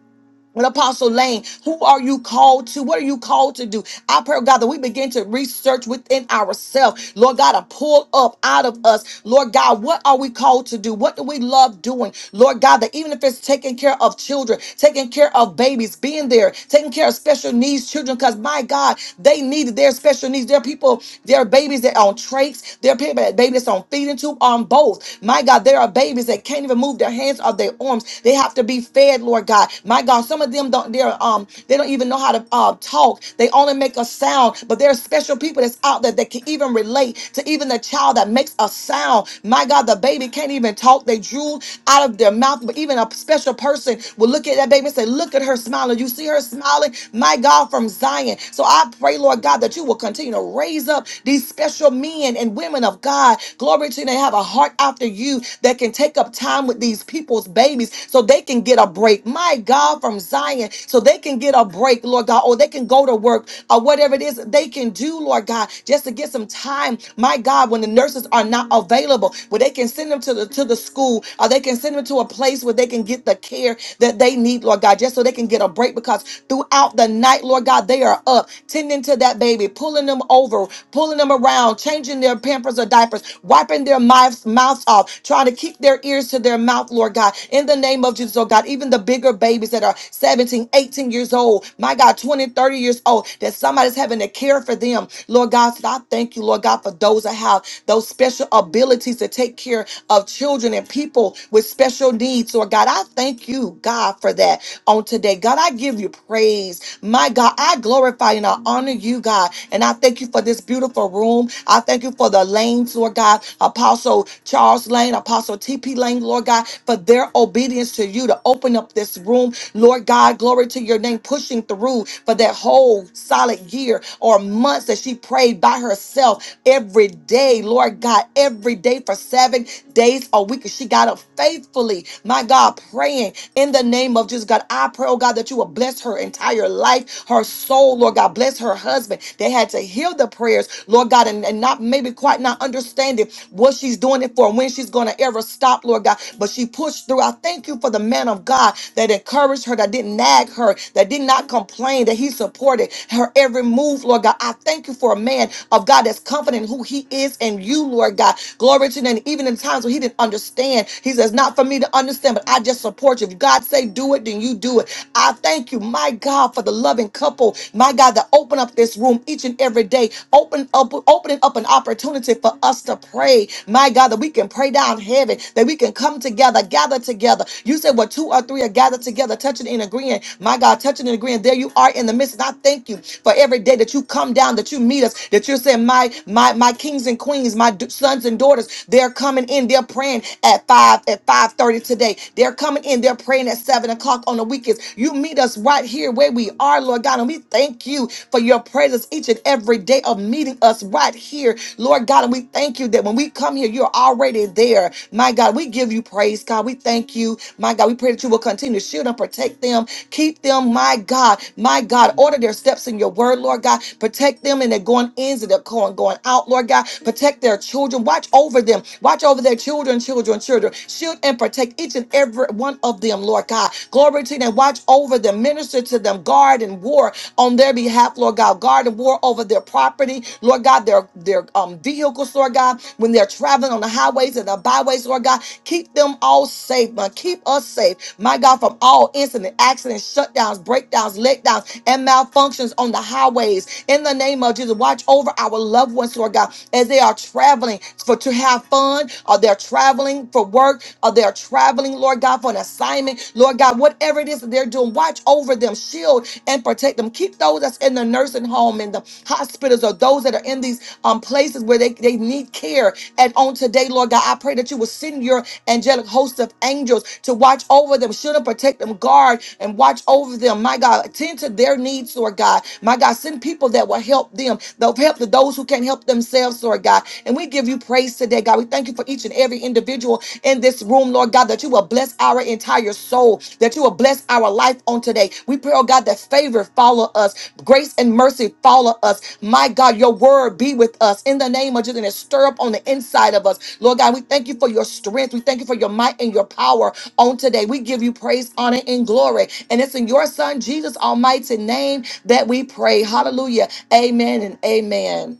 F: and Apostle Lane, who are you called to? What are you called to do? I pray, God, that we begin to research within ourselves. Lord God, to pull up out of us. Lord God, what are we called to do? What do we love doing? Lord God, that even if it's taking care of children, taking care of babies, being there, taking care of special needs children, because my God, they need their special needs. There are people, there are babies that are on trachs, there are people, babies that's on feeding tube, on both. My God, there are babies that can't even move their hands or their arms. They have to be fed, Lord God. My God, some of them don't. They're um. They don't even know how to uh, talk. They only make a sound. But there are special people that's out there that can even relate to even the child that makes a sound. My God, the baby can't even talk. They drool out of their mouth. But even a special person will look at that baby and say, "Look at her smiling. You see her smiling." My God, from Zion. So I pray, Lord God, that you will continue to raise up these special men and women of God. Glory to you. They have a heart after you that can can take up time with these people's babies so they can get a break. My God, from Zion, so they can get a break, Lord God, or they can go to work or whatever it is they can do, Lord God, just to get some time. My God, when the nurses are not available, where they can send them to the to the school or they can send them to a place where they can get the care that they need, Lord God, just so they can get a break because throughout the night, Lord God, they are up tending to that baby, pulling them over, pulling them around, changing their pampers or diapers, flapping their mouths, mouths off, trying to keep their ears to their mouth, Lord God. In the name of Jesus, oh God, even the bigger babies that are seventeen, eighteen years old, my God, twenty, thirty years old, that somebody's having to care for them. Lord God, so I thank you, Lord God, for those that have those special abilities to take care of children and people with special needs. Lord God, I thank you, God, for that on today. God, I give you praise. My God, I glorify and I honor you, God. And I thank you for this beautiful room room. I thank you for the lanes, Lord God, Apostle Charles Lane, Apostle TP Lane, Lord God, for their obedience to you to open up this room. Lord God, glory to your name, pushing through for that whole solid year or months that she prayed by herself every day, Lord God, every day for seven days a week. She got up faithfully, my God, praying in the name of Jesus, God. I pray, oh God, that you will bless her entire life, her soul, Lord God. Bless her husband husband. They had to hear the prayers, Lord God, and, and not maybe quite not understanding what she's doing it for and when she's going to ever stop, Lord God. But she pushed through. I thank you for the man of God that encouraged her, that didn't nag her, that did not complain, that he supported her every move, Lord God. I thank you for a man of God that's confident in who he is and you, Lord God. Glory to you. And even in times when he didn't understand, he says, Not for me to understand, but I just support you. If God say do it, then you do it. I thank you, my God, for the love loving couple, my God, that open up this room each and every day, open up, opening up an opportunity for us to pray, my God, that we can pray down heaven, that we can come together, gather together. You said, well, two or three are gathered together, touching and agreeing. My God, touching and agreeing. There you are in the midst. And I thank you for every day that you come down, that you meet us, that you're saying, my, my, my kings and queens, my d- sons and daughters, they're coming in, they're praying at five, at 5.30 today. They're coming in, they're praying at seven o'clock on the weekend weakest. You meet us right here where we are, Lord God. And we thank you for your presence each and every day of meeting us right here, Lord God. And we thank you that when we come here, you're already there. My God, we give you praise, God. We thank you, my God. We pray that you will continue to shield and protect them, keep them, my God, my God. Order their steps in your word, Lord God. Protect them in their going ins and their going going out, Lord God. Protect their children. Watch over them. Watch over their children, children, children. Shield and protect each and every every one of them, Lord God. Glory to you. And watch over them, minister to them, guard and war on their behalf, Lord God. Guard and war over their property, Lord God, their, their um, vehicles, Lord God, when they're traveling on the highways and the byways, Lord God. Keep them all safe, man. Keep us safe, my God, from all incident, accidents, shutdowns, breakdowns, letdowns, and malfunctions on the highways. In the name of Jesus, watch over our loved ones, Lord God, as they are traveling for to have fun, or they're traveling traveling for work or they're traveling, Lord God, for an assignment. Lord God, whatever it is that they're doing, watch over them, shield and protect them. Keep those that's in the nursing home, in the hospitals, or those that are in these um, places where they, they need care. And on today, Lord God, I pray that you will send your angelic host of angels to watch over them, shield and protect them, guard and watch over them. My God, attend to their needs, Lord God. My God, send people that will help them. They'll help to those who can't help themselves, Lord God. And we give you give you praise today, God. We thank you for each and every individual in this room, Lord God, that you will bless our entire soul, that you will bless our life on today. We pray, oh God, that favor follow us, grace and mercy follow us. My God, your word be with us in the name of Jesus and stir up on the inside of us. Lord God, we thank you for your strength. We thank you for your might and your power on today. We give you praise, honor, and glory. And it's in your son, Jesus' almighty name that we pray. Hallelujah. Amen and amen.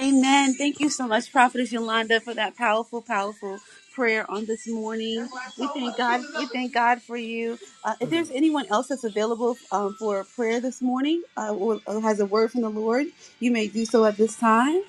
A: Amen. Thank you so much, Prophetess Yolanda, for that powerful, powerful prayer on this morning. We thank God. We thank God for you. Uh, if there's anyone else that's available um, for a prayer this morning uh, or, or has a word from the Lord, you may do so at this time.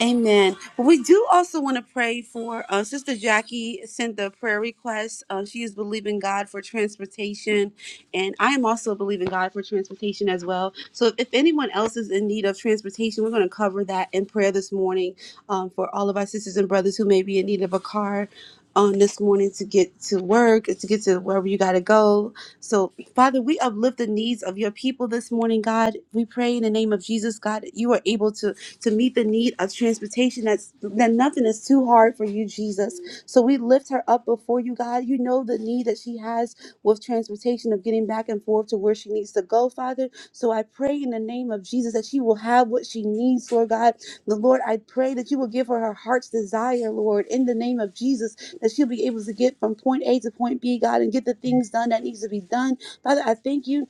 A: Amen. But we do also want to pray for uh, Sister Jackie sent the prayer request. Uh, she is believing God for transportation, and I am also believing God for transportation as well. So if, if anyone else is in need of transportation, we're going to cover that in prayer this morning um, for all of our sisters and brothers who may be in need of a car on this morning to get to work, to get to wherever you got to go. So, Father, we uplift the needs of your people this morning, God. We pray in the name of Jesus, God, that you are able to to meet the need of transportation. That's that nothing is too hard for you, Jesus. So we lift her up before you, God. You know the need that she has with transportation of getting back and forth to where she needs to go, Father. So I pray in the name of Jesus that she will have what she needs, Lord God. The Lord, I pray that you will give her her heart's desire, Lord, in the name of Jesus, that she'll be able to get from point A to point B, God, and get the things done that needs to be done. Father, I thank you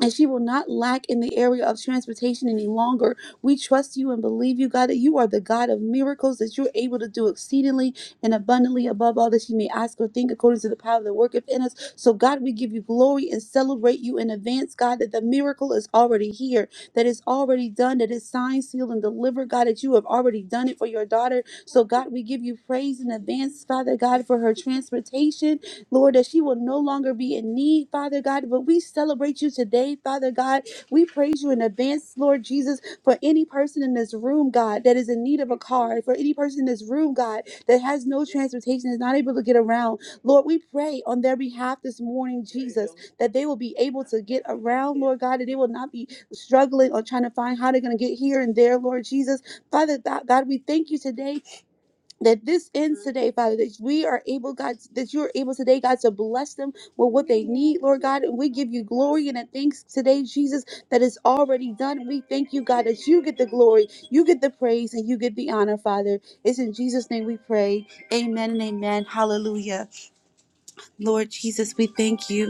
A: and she will not lack in the area of transportation any longer. We trust you and believe you, God, that you are the God of miracles, that you're able to do exceedingly and abundantly above all that she may ask or think according to the power that worketh in us. So, God, we give you glory and celebrate you in advance, God, that the miracle is already here, that it's already done, that it's signed, sealed, and delivered, God, that you have already done it for your daughter. So, God, we give you praise in advance, Father God, for her transportation Lord, that she will no longer be in need, Father God. But we celebrate you today, Father God. We praise you in advance, Lord Jesus, for any person in this room, God, that is in need of a car, for any person in this room, God, that has no transportation, is not able to get around. Lord, we pray on their behalf this morning, Jesus, that they will be able to get around, Lord God, that they will not be struggling or trying to find how they're going to get here and there, Lord Jesus. Father God, God, we thank you today that this ends today, Father, that we are able, God, that you are able today, God, to bless them with what they need, Lord God. And we give you glory and a thanks today, Jesus, that is already done. We thank you, God, that you get the glory, you get the praise, and you get the honor, Father. It's in Jesus' name we pray. Amen and amen. Hallelujah. Lord Jesus, we thank you.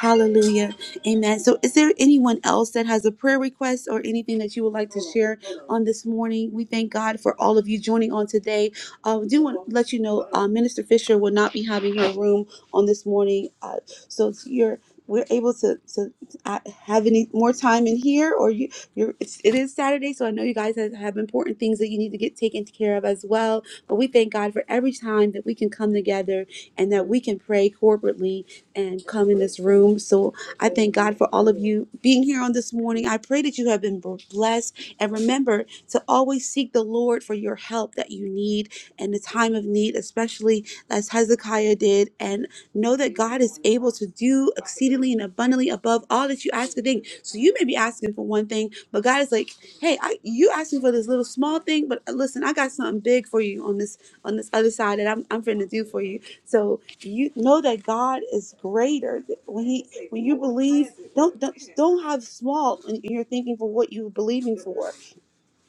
A: Hallelujah. Amen. So, is there anyone else that has a prayer request or anything that you would like to share on this morning? We thank God for all of you joining on today. Uh, we do want to let you know uh, Minister Fisher will not be having her room on this morning. Uh, so, you're we're able to, to uh, have any more time in here or you you're it's, it is saturday so i know you guys have, have important things that you need to get taken care of as well but we thank god for every time that we can come together and that we can pray corporately and come in this room. So I thank God for all of you being here on this morning. I pray that you have been blessed. And remember to always seek the Lord for your help that you need in the time of need, especially as Hezekiah did. And know that God is able to do exceedingly and abundantly above all that you ask a thing. So you may be asking for one thing, but God is like, hey, I, you asking for this little small thing, but listen, I got something big for you on this on this other side that I'm I'm finna do for you. So you know that God is greater. That When he when you believe, don't don't, don't have small in in your thinking for what you're believing for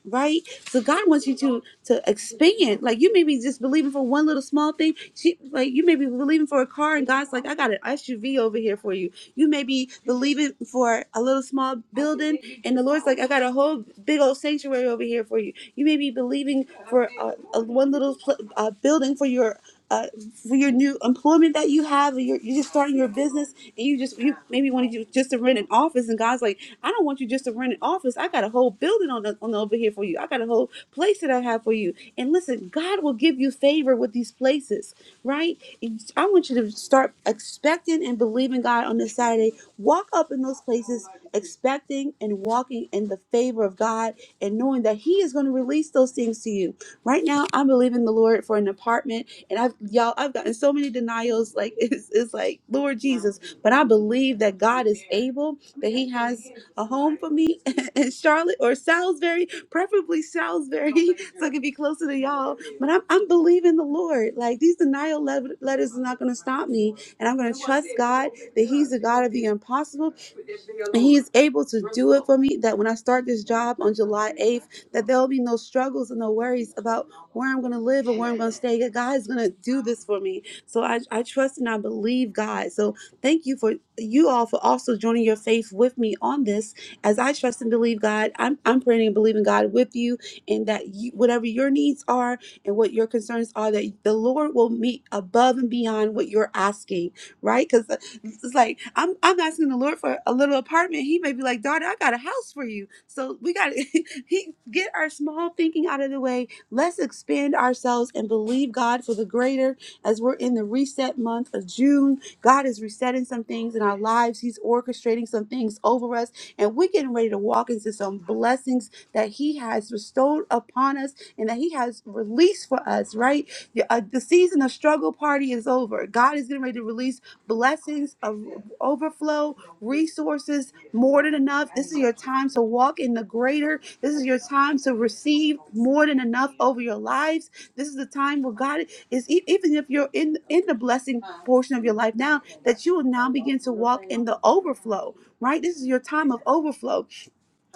A: right? So God wants you to to expand. Like you may be just believing for one little small thing. She, like you may be believing for a car, and God's like, I got an SUV over here for you. You may be believing for a little small building, and the Lord's like, I got a whole big old sanctuary over here for you. You may be believing for a, a one little pl- uh building for your. Uh, for your new employment that you have, or you're, you're just starting your business, and you just you maybe want to just to rent an office, and God's like. I don't want you just to rent an office. I got a whole building on the, on the over here for you. I got a whole place that I have for you. And listen, God will give you favor with these places, right? And I want you to start expecting and believing God on this Saturday. Walk up in those places, expecting and walking in the favor of God and knowing that He is going to release those things to you. Right now, I'm believing the Lord for an apartment and I've y'all, I've gotten so many denials. Like it's it's like Lord Jesus, but I believe that God is able, that He has a home for me in Charlotte or Salisbury, preferably Salisbury, so I can be closer to y'all. But I'm I'm believing the Lord. Like these denial le- letters is not going to stop me, and I'm going to trust God that He's the God of the impossible and he is able to do it for me that when I start this job on July 8th, that there will be no struggles and no worries about where I'm going to live or where I'm going to stay. That God is going to do this for me. So I, I trust and I believe God. So thank you for you all for also joining your faith with me on this. As I trust and believe God, I'm, I'm praying and believing God with you and that you, whatever your needs are and what your concerns are, that the Lord will meet above and beyond what you're asking, right? Because it's like I'm I'm asking the Lord for a little apartment. He may be like, daughter, I got a house for you. So we got to he get our small thinking out of the way. Let's expand ourselves and believe God for the greater. As we're in the reset month of June, God is resetting some things in our lives. He's orchestrating some things over us, and we're getting ready to walk into some blessings that He has bestowed upon us and that He has released for us. Right, the, uh, the season of struggle party is over. God is getting ready to release blessings of overflow, resources more than enough. This is your time to walk in the greater. This is your time to receive more than enough over your lives. This is the time where God is e- even if you're in in the blessing portion of your life now that you will now begin to walk in the overflow, right? This is your time of overflow.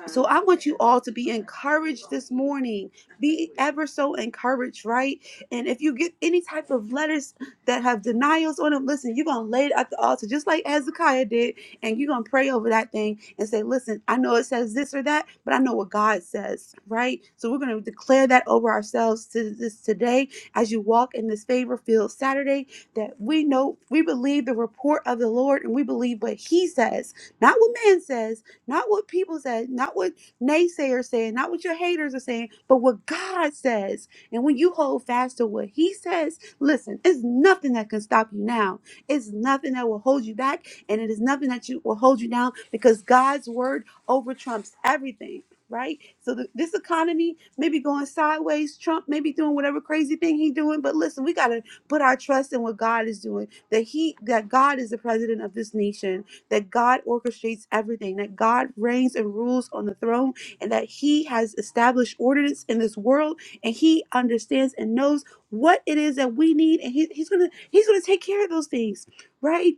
A: So I want you all to be encouraged this morning. Be ever so encouraged, right? And if you get any type of letters that have denials on them, listen, you're gonna lay it at the altar just like Hezekiah did, and you're gonna pray over that thing and say, Listen, I know it says this or that, but I know what God says, right? So we're gonna declare that over ourselves to this today as you walk in this favor field Saturday, that we know we believe the report of the Lord and we believe what he says, not what man says not what people say, not what naysayers saying, not what your haters are saying, but what God says. And when you hold fast to what He says, listen, it's nothing that can stop you now. It's nothing that will hold you back, and it is nothing that you will hold you down because God's word over trumps everything. Right, so the, this economy maybe going sideways. Trump maybe doing whatever crazy thing he's doing, but listen, we gotta put our trust in what God is doing. That he, that God is the president of this nation, that God orchestrates everything, that God reigns and rules on the throne, and that He has established ordinance in this world, and He understands and knows what it is that we need, and he, He's gonna He's gonna take care of those things, right?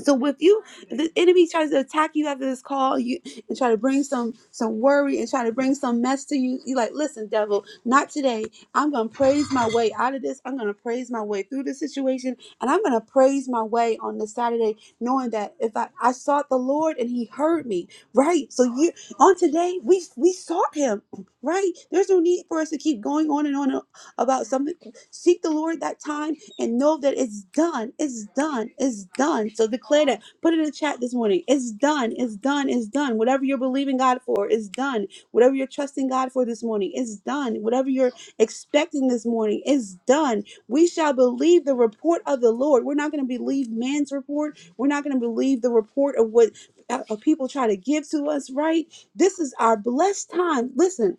A: So if you, if the enemy tries to attack you after this call, you and try to bring some some worry and try to bring some mess to you, you like, listen, devil, not today. I'm gonna praise my way out of this. I'm gonna praise my way through the situation, and I'm gonna praise my way on this Saturday, knowing that if I I sought the Lord and He heard me, right? So you on today we we sought Him, right? There's no need for us to keep going on and on about something. Seek the Lord that time and know that it's done. It's done. It's done. So declare that. Put it in the chat this morning. It's done. It's done. It's done. Whatever you're believing God for is done. Whatever you're trusting God for this morning is done. Whatever you're expecting this morning is done. We shall believe the report of the Lord. We're not going to believe man's report. We're not going to believe the report of what uh, uh, people try to give to us, right? This is our blessed time. Listen,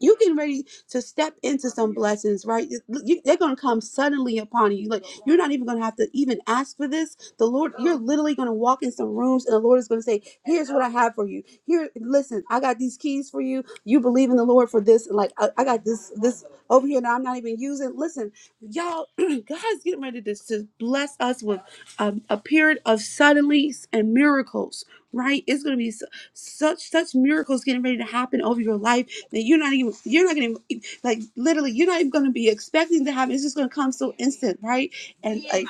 A: you getting ready to step into some blessings, right? You- you- they're going to come suddenly upon you. Like you're not even going to have to even ask for this. The Lord, you're literally going to walk in some rooms, and the Lord is going to say, "Here's what I have for you. Here, listen, I got these keys for you. You believe in the Lord for this, like I, I got this this over here that I'm not even using. Listen, y'all, God's getting ready to to bless us with um, a period of suddenly and miracles. Right? It's going to be su- such such miracles getting ready to happen over your life that you're not even you're not gonna even, like literally you're not even gonna be expecting to happen. It's just gonna come so instant, right? And like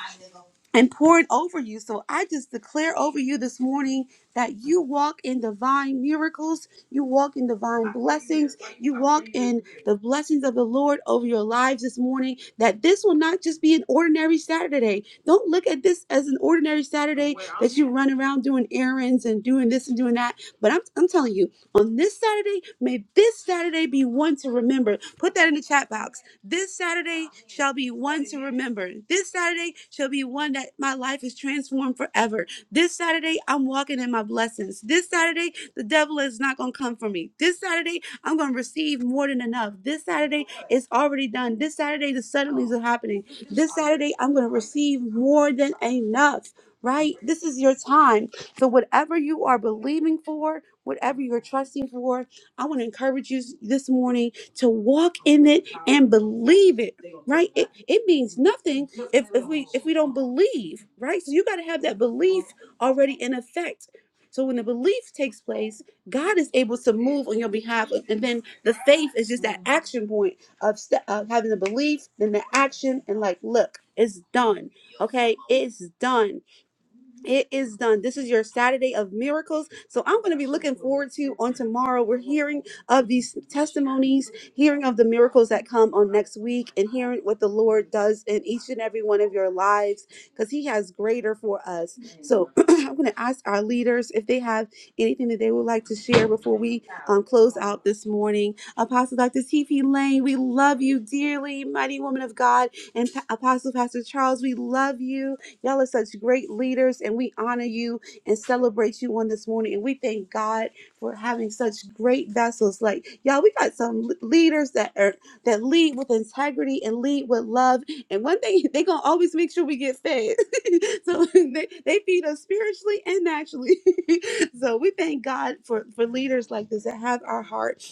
A: and poured over you. So I just declare over you this morning that you walk in divine miracles, you walk in divine blessings, you walk in the blessings of the Lord over your lives this morning. That this will not just be an ordinary Saturday. Don't look at this as an ordinary Saturday that you run around doing errands and doing this and doing that. But I'm, I'm telling you on this Saturday. May this Saturday be one to remember. Put that in the chat box. This Saturday shall be one to remember. This Saturday shall be one that my life is transformed forever. This Saturday, I'm walking in my blessings. This Saturday, the devil is not going to come for me. This Saturday, I'm going to receive more than enough. This Saturday, it's already done. This Saturday, the suddenlies are happening. This Saturday, I'm going to receive more than enough right? This is your time. So, whatever you are believing for, whatever you're trusting for, I want to encourage you this morning to walk in it and believe it. Right? It, it means nothing if, if we if we don't believe, right? So you got to have that belief already in effect. So when the belief takes place, God is able to move on your behalf, and then the faith is just that action point of, st- of having the belief, then the action, and like, look, it's done. Okay, it's done. It is done. This is your Saturday of miracles. So I'm going to be looking forward to on tomorrow. We're hearing of these testimonies, hearing of the miracles that come on next week, and hearing what the Lord does in each and every one of your lives because He has greater for us. So I'm going to ask our leaders if they have anything that they would like to share before we um, close out this morning. Apostle Dr. T.P. Lane, we love you dearly, mighty woman of God. And Pa- Apostle Pastor Charles, we love you. Y'all are such great leaders, and we honor you and celebrate you on this morning. And we thank God for having such great vessels. Like y'all, we got some l- leaders that are that lead with integrity and lead with love. And one thing they gonna always make sure we get fed. so they, they feed us spiritually and naturally. so we thank God for for leaders like this that have our heart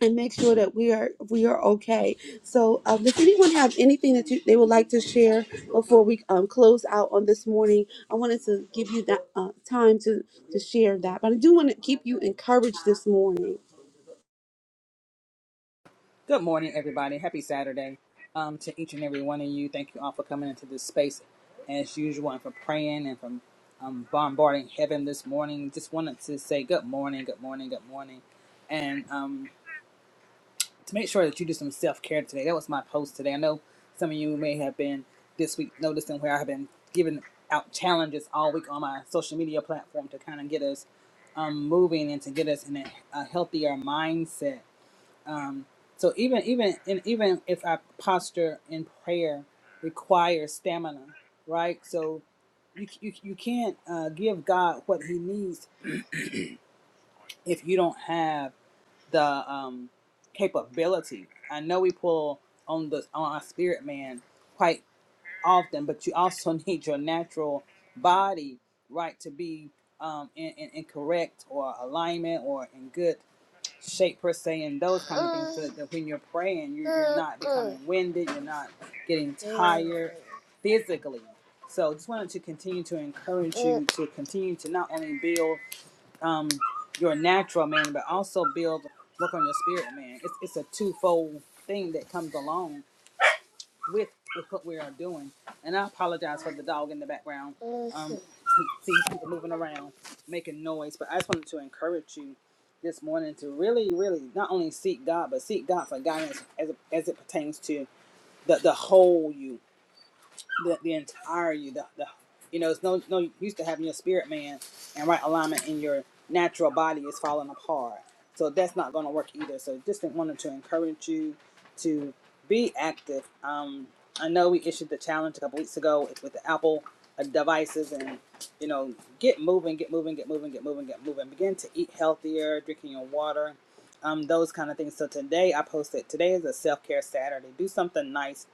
A: and make sure that we are we are okay. So, um, does anyone have anything that you, they would like to share before we um, close out on this morning? I wanted to give you that uh, time to to share that, but I do want to keep you encouraged this morning.
G: Good morning, everybody. Happy Saturday um, to each and every one of you. Thank you all for coming into this space as usual and for praying and for um, bombarding heaven this morning. Just wanted to say good morning, good morning, good morning. And um, to make sure that you do some self care today, that was my post today. I know some of you may have been this week noticing where I've been giving out challenges all week on my social media platform to kind of get us um, moving and to get us in a, a healthier mindset um, so even even and even if our posture in prayer requires stamina, right? So you you, you can't uh, give God what He needs if you don't have the um, capability. I know we pull on the on our spirit man quite often, but you also need your natural body, right, to be um, in, in, in correct or alignment or in good shape per se and those kind of things so that, when you're praying you, you're not becoming winded you're not getting tired physically so just wanted to continue to encourage you to continue to not only build um, your natural man but also build work on your spirit man it's, it's a twofold thing that comes along with with what we are doing. And I apologize for the dog in the background. Um, he people moving around, making noise. But I just wanted to encourage you this morning to really, really not only seek God, but seek God for guidance as as it pertains to the the whole you the, the entire you the, the you know it's no no use to having your spirit man and right alignment in your natural body is falling apart so that's not going to work either so just wanted to encourage you to be active um i know we issued the challenge a couple weeks ago with the apple uh, devices and you know get moving get moving get moving get moving get moving begin to eat healthier drinking your water um, those kind of things. So today I posted. Today is a self care Saturday. Do something nice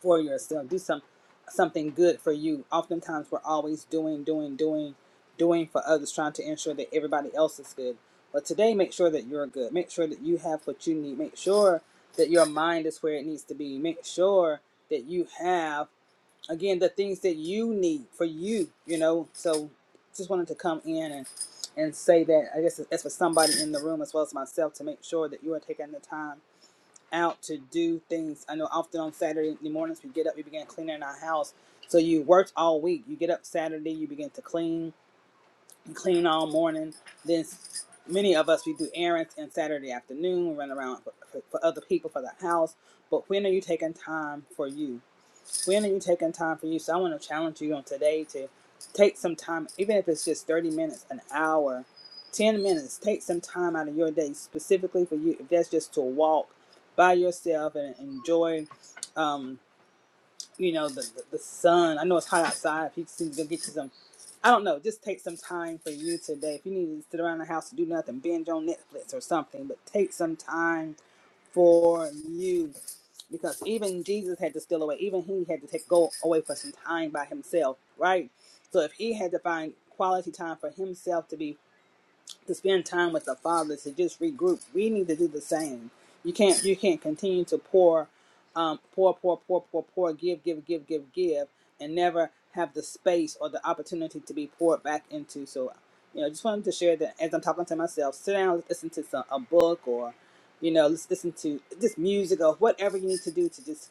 G: for yourself. Do some something good for you. Oftentimes we're always doing, doing, doing, doing for others, trying to ensure that everybody else is good. But today make sure that you're good. Make sure that you have what you need. Make sure that your mind is where it needs to be. Make sure that you have again the things that you need for you, you know. So just wanted to come in and and say that I guess it's for somebody in the room as well as myself to make sure that you are taking the time out to do things. I know often on Saturday mornings we get up, we begin cleaning our house. So you worked all week. You get up Saturday, you begin to clean and clean all morning. Then many of us we do errands and Saturday afternoon. We run around for, for for other people for the house. But when are you taking time for you? When are you taking time for you? So I want to challenge you on today to take some time, even if it's just 30 minutes, an hour, 10 minutes, take some time out of your day specifically for you. If that's just to walk by yourself and enjoy. Um, you know the, the, the sun i know it's hot outside if you can go get you some i don't know just take some time for you today if you need to sit around the house and do nothing binge on netflix or something but take some time for you because even jesus had to steal away even he had to take go away for some time by himself right so if he had to find quality time for himself to be to spend time with the Father to just regroup. We need to do the same. You can't you can't continue to pour, um, pour, pour, pour, pour, pour, give, give, give, give, give, and never have the space or the opportunity to be poured back into. So, you know, just wanted to share that as I'm talking to myself. Sit down, listen to some a book or, you know, let's listen to just music or whatever you need to do to just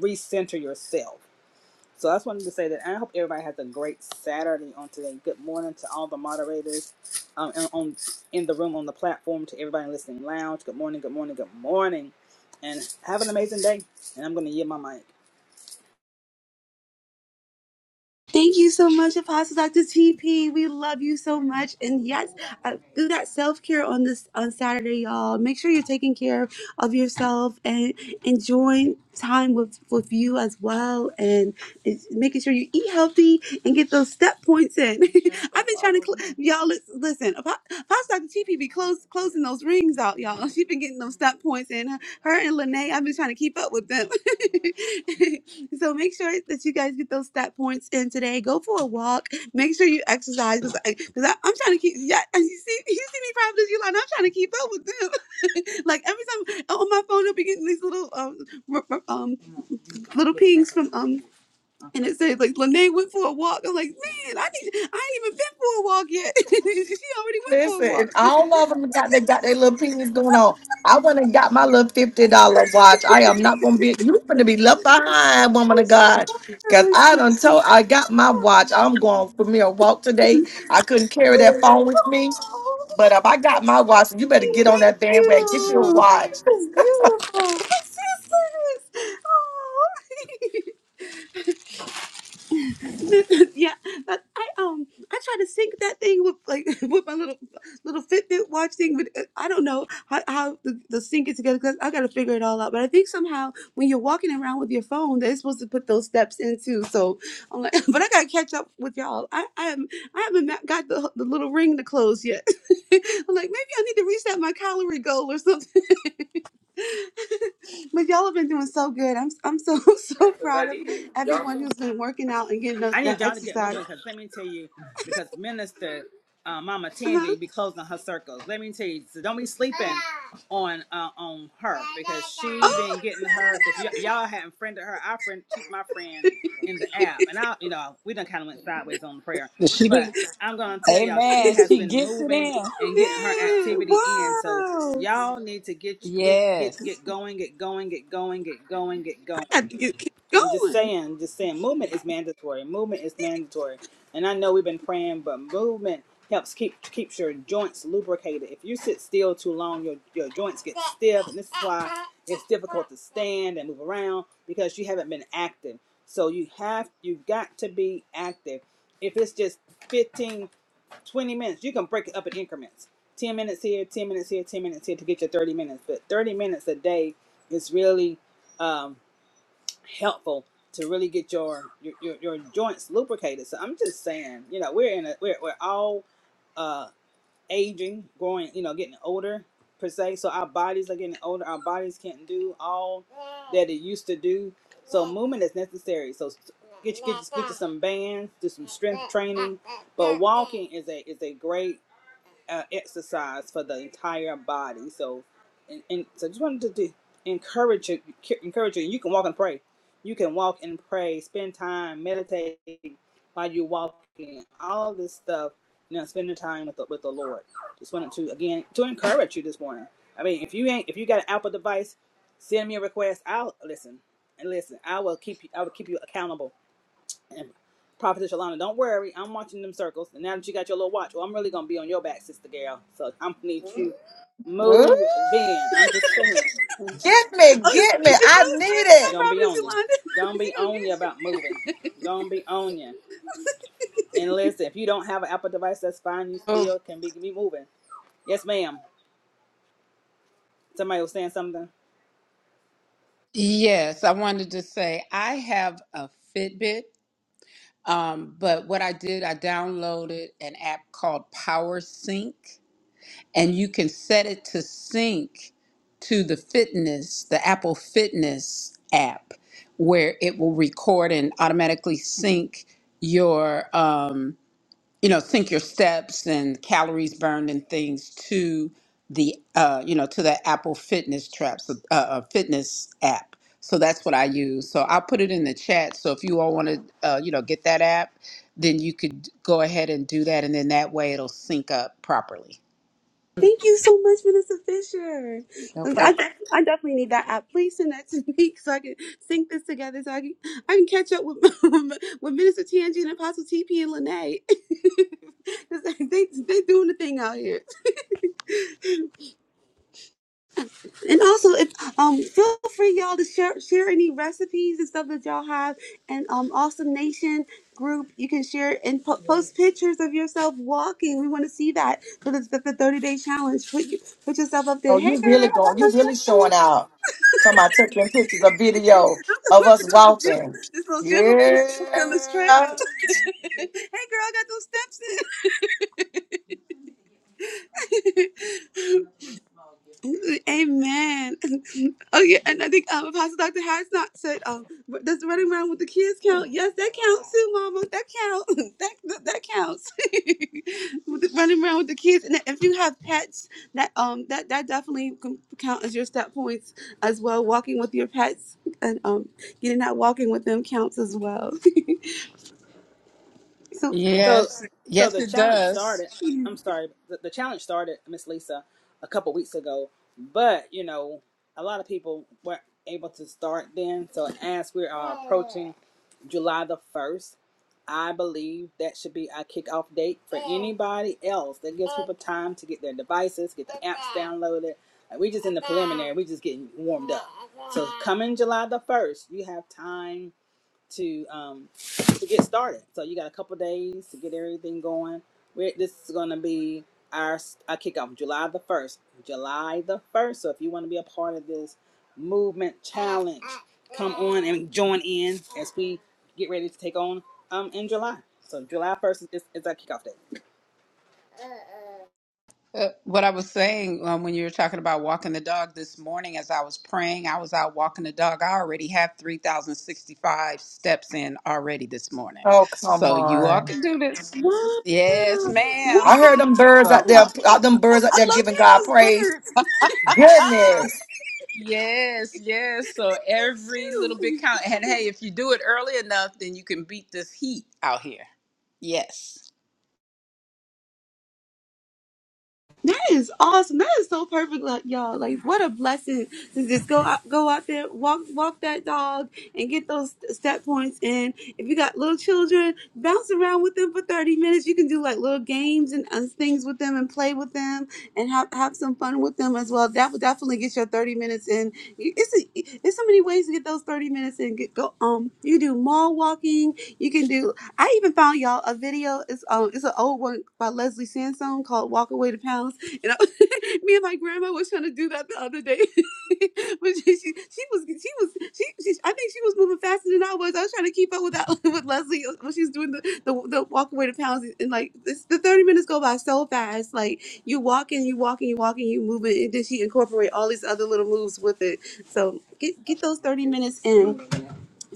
G: recenter yourself so I just wanted to say that I hope everybody has a great Saturday on today. Good morning to all the moderators um, and on in the room on the platform to everybody listening lounge. Good morning, good morning, good morning, and have an amazing day. And I'm going to yield my mic.
A: Thank you so much, Apostle Dr. TP. We love you so much. And yes, uh, do that self care on this on Saturday, y'all. Make sure you're taking care of yourself and enjoying time with with you as well, and it's making sure you eat healthy and get those step points in. I've been trying to cl- y'all listen. listen Apo- Apostle Dr. TP be close, closing those rings out, y'all. She's been getting those step points in her and Lene, I've been trying to keep up with them. so make sure that you guys get those stat points in today. Go for a walk. Make sure you exercise because I, 'cause I- I'm trying to keep. Yeah, and you see, you see me probably you like I'm trying to keep up with them. like every time on my phone, I'll be getting these little um r- r- um little pings from um, and it says like Lene went for a walk. I'm like, man, I need I ain't even been for a walk yet. she already went for a
F: Listen, and
A: walk.
F: all of them got they got their little opinions going on. I went and got my little fifty dollar watch. I am not gonna be you gonna be left
A: Thank
F: behind, woman
A: you
F: of God.
A: so
F: Cause
A: much.
F: I done told I got my watch. I'm going for me a walk today. I couldn't carry that phone with me.
A: Oh,
F: But if I got my watch, you better get on
A: Thank
F: that bandwagon. Get your
A: you.
F: watch.
A: This is beautiful. My Oh. yeah, but I um I try to sync that thing with like with my little little Fitbit watch thing, but uh, I don't know how, how the, the sync it together because I got to figure it all out. But I think somehow when you're walking around with your phone, they're supposed to put those steps in too. So I'm like, but I gotta catch up with y'all. I I, am, I haven't ma- got the the little ring to close yet. I'm like maybe I need to reset my calorie goal or something. But y'all have been doing so good. I'm I'm so so
G: Because
A: proud
G: I
A: of
G: did. Y'all
A: everyone who's been working out and getting that
G: I
A: that
G: need y'all to get
A: exercise.
G: moving because let me tell you, because Minister uh, Mama
A: Uh
G: Tangi
A: huh.
G: be closing her circles. Let me tell you, so don't be sleeping on uh, on her because she been getting her. If y- y'all hadn't friended her, I friend, she's my friend in the app, and I, you know, we done kind of went sideways on the prayer,
C: She be,
G: but I'm gonna tell y'all, she
C: amen.
G: has
C: She
G: been
C: gets it
G: moving
C: in.
G: and getting her
A: Man,
G: activity in. So
A: wow.
G: y'all need to get get get
C: Yes.
G: get going, get going, get going, get going, get
A: I
G: going.
A: got to get, keep
G: I'm just
A: going.
G: saying, just saying, movement is mandatory. Movement is mandatory, and I know we've been praying, but movement helps keep keeps your joints lubricated. If you sit still too long, your your joints get stiff, and this is why it's difficult to stand and move around because you haven't been active. So you have you have got to be active. If it's just 15, 20 minutes, you can break it up in increments. 10 minutes here, 10 minutes here, 10 minutes here to get your 30 minutes. But 30 minutes a day is really um helpful to really get your your, your, your joints lubricated. So I'm just saying, you know, we're in a we're we're all uh aging, growing, you know, getting older per se. So our bodies are getting older. Our bodies can't do all that it used to do. So movement is necessary. So s- get you get you, get you some bands, do some strength training. But walking is a is a great uh, exercise for the entire body. So, and, and so just wanted to do, encourage you, encourage you. You can walk and pray. You can walk and pray. Spend time meditating while you're walking. All this stuff, you know, spending time with the, with the Lord. Just wanted to again to encourage you this morning. I mean, if you ain't if you got an Apple device, send me a request. I'll listen and listen. I will keep you. I will keep you accountable and Prophetess Yolanda, don't worry, I'm watching them circles. And now that you got your little watch, well, I'm really gonna be on your back, sister girl. So I'm gonna need you
F: Ooh,
G: moving. I'm just saying,
F: Get me,
A: Oh, it's,
F: get me.
A: it's no
F: I need
A: excuse
F: it.
A: now,
G: gonna be
A: Providence
G: on you.
A: Yolanda.
G: Gonna
A: she
G: be
A: gonna
G: on
A: get
G: you
A: you.
G: about moving. Gonna be on you. And listen, if you don't have an Apple device, that's fine. You still can be, be moving. Yes, ma'am. Somebody was saying something.
C: Yes, I wanted to say I have a Fitbit, um, but what I did, I downloaded an app called Power Sync, and you can set it to sync to the fitness, the Apple Fitness app, where it will record and automatically sync your. Um, you know sync your steps and calories burned and things to the uh you know to the apple fitness traps uh, uh fitness app so that's what i use so i'll put it in the chat so if you all want to uh you know get that app then you could go ahead and do that and then that way it'll sync up properly
A: Thank you so much, Minister Fisher.
C: no
A: I,
C: problem
A: def- I definitely need that app. Please send that to me so I can sync this together so I can I can catch up with with Minister Tangi and Apostle TP and Lene. 'Cause they they doing the thing out here. And also, if um, feel free y'all to share share any recipes and stuff that y'all have, and um, Awesome Nation group, you can share and po- post pictures of yourself walking. We want to see that for the, the, the thirty day challenge. Put you, put yourself up there.
F: Oh,
A: Hey
F: you really
A: girl, I got
F: going? You
A: my
F: really showing
A: sexy.
F: out? Talking about took them pictures, a video
A: I'm
F: of
A: supposed to
F: us
A: go to the gym.
F: walking.
A: This little gym over here
F: Yeah.
A: hooked on this treadmill. hey girl, I got those steps in. Amen. okay, and I think um, Apostle Dr. Harris not said, um, but does running around with the kids count? Yes, that counts too, Mama. That counts. that, that that counts. With the- running around with the kids, and if you have pets, that um that that definitely can count as your step points as well. Walking with your pets and um getting out walking with them counts as well. so
G: So,
C: yes
G: so
C: yes
G: the
C: it
G: challenge
C: does
G: started. I'm sorry, the, the challenge started, Miss Lisa, a couple weeks ago. But you know, a lot of people weren't able to start then. So as we are approaching July the first, I believe that should be our kickoff date for anybody else. That gives people time to get their devices, get the apps downloaded. Like we just in the preliminary, we just getting warmed up. So coming July the first, you have time to um to get started. So you got a couple days to get everything going. We're, this is going to be our s- our kickoff July the first. July the first. So if you want to be a part of this movement challenge, come on and join in as we get ready to take on um in July. So July first is, is our kickoff day.
C: Uh, what I was saying um, when you were talking about walking the dog this morning, as I was praying, I was out walking the dog. I already have 3,065 steps in already this morning.
F: Oh, come
C: So you all
F: on.
C: can do this.
A: wow,
C: Yes,
A: wow,
C: ma'am.
F: I heard them birds out
C: So,
F: there,
C: I'll-
F: out them birds out
A: I
F: there
A: love
F: giving
A: hearing
F: God
A: those
F: praise.
A: birds.
F: Goodness.
C: yes, yes. So every little
A: cute.
C: bit count. And hey, if you do it early enough, then you can beat this heat out here. Yes.
A: That is awesome. That is so perfect, like, y'all. Like, what a blessing to just go out, go out there, walk, walk that dog, and get those step points in. If you got little children, bounce around with them for thirty minutes. You can do like little games and uh, things with them, and play with them, and have have some fun with them as well. That would definitely get your thirty minutes in. You- It's a, it's so many ways to get those thirty minutes in. Get, go um, you do mall walking. You can do I even found y'all a video. It's um, it's an old one by Leslie Sansone called "Walk Away to Pounds." And I, me and my grandma was trying to do that the other day, but she, she she was she was she, she I think she was moving faster than I was. I was trying to keep up with that with Leslie when she's doing the, the the walk away to pounds. And like this, the thirty minutes go by so fast. Like you walking, you walking, you walking, you moving, and then she incorporate all these other little moves with it. So get get those thirty minutes in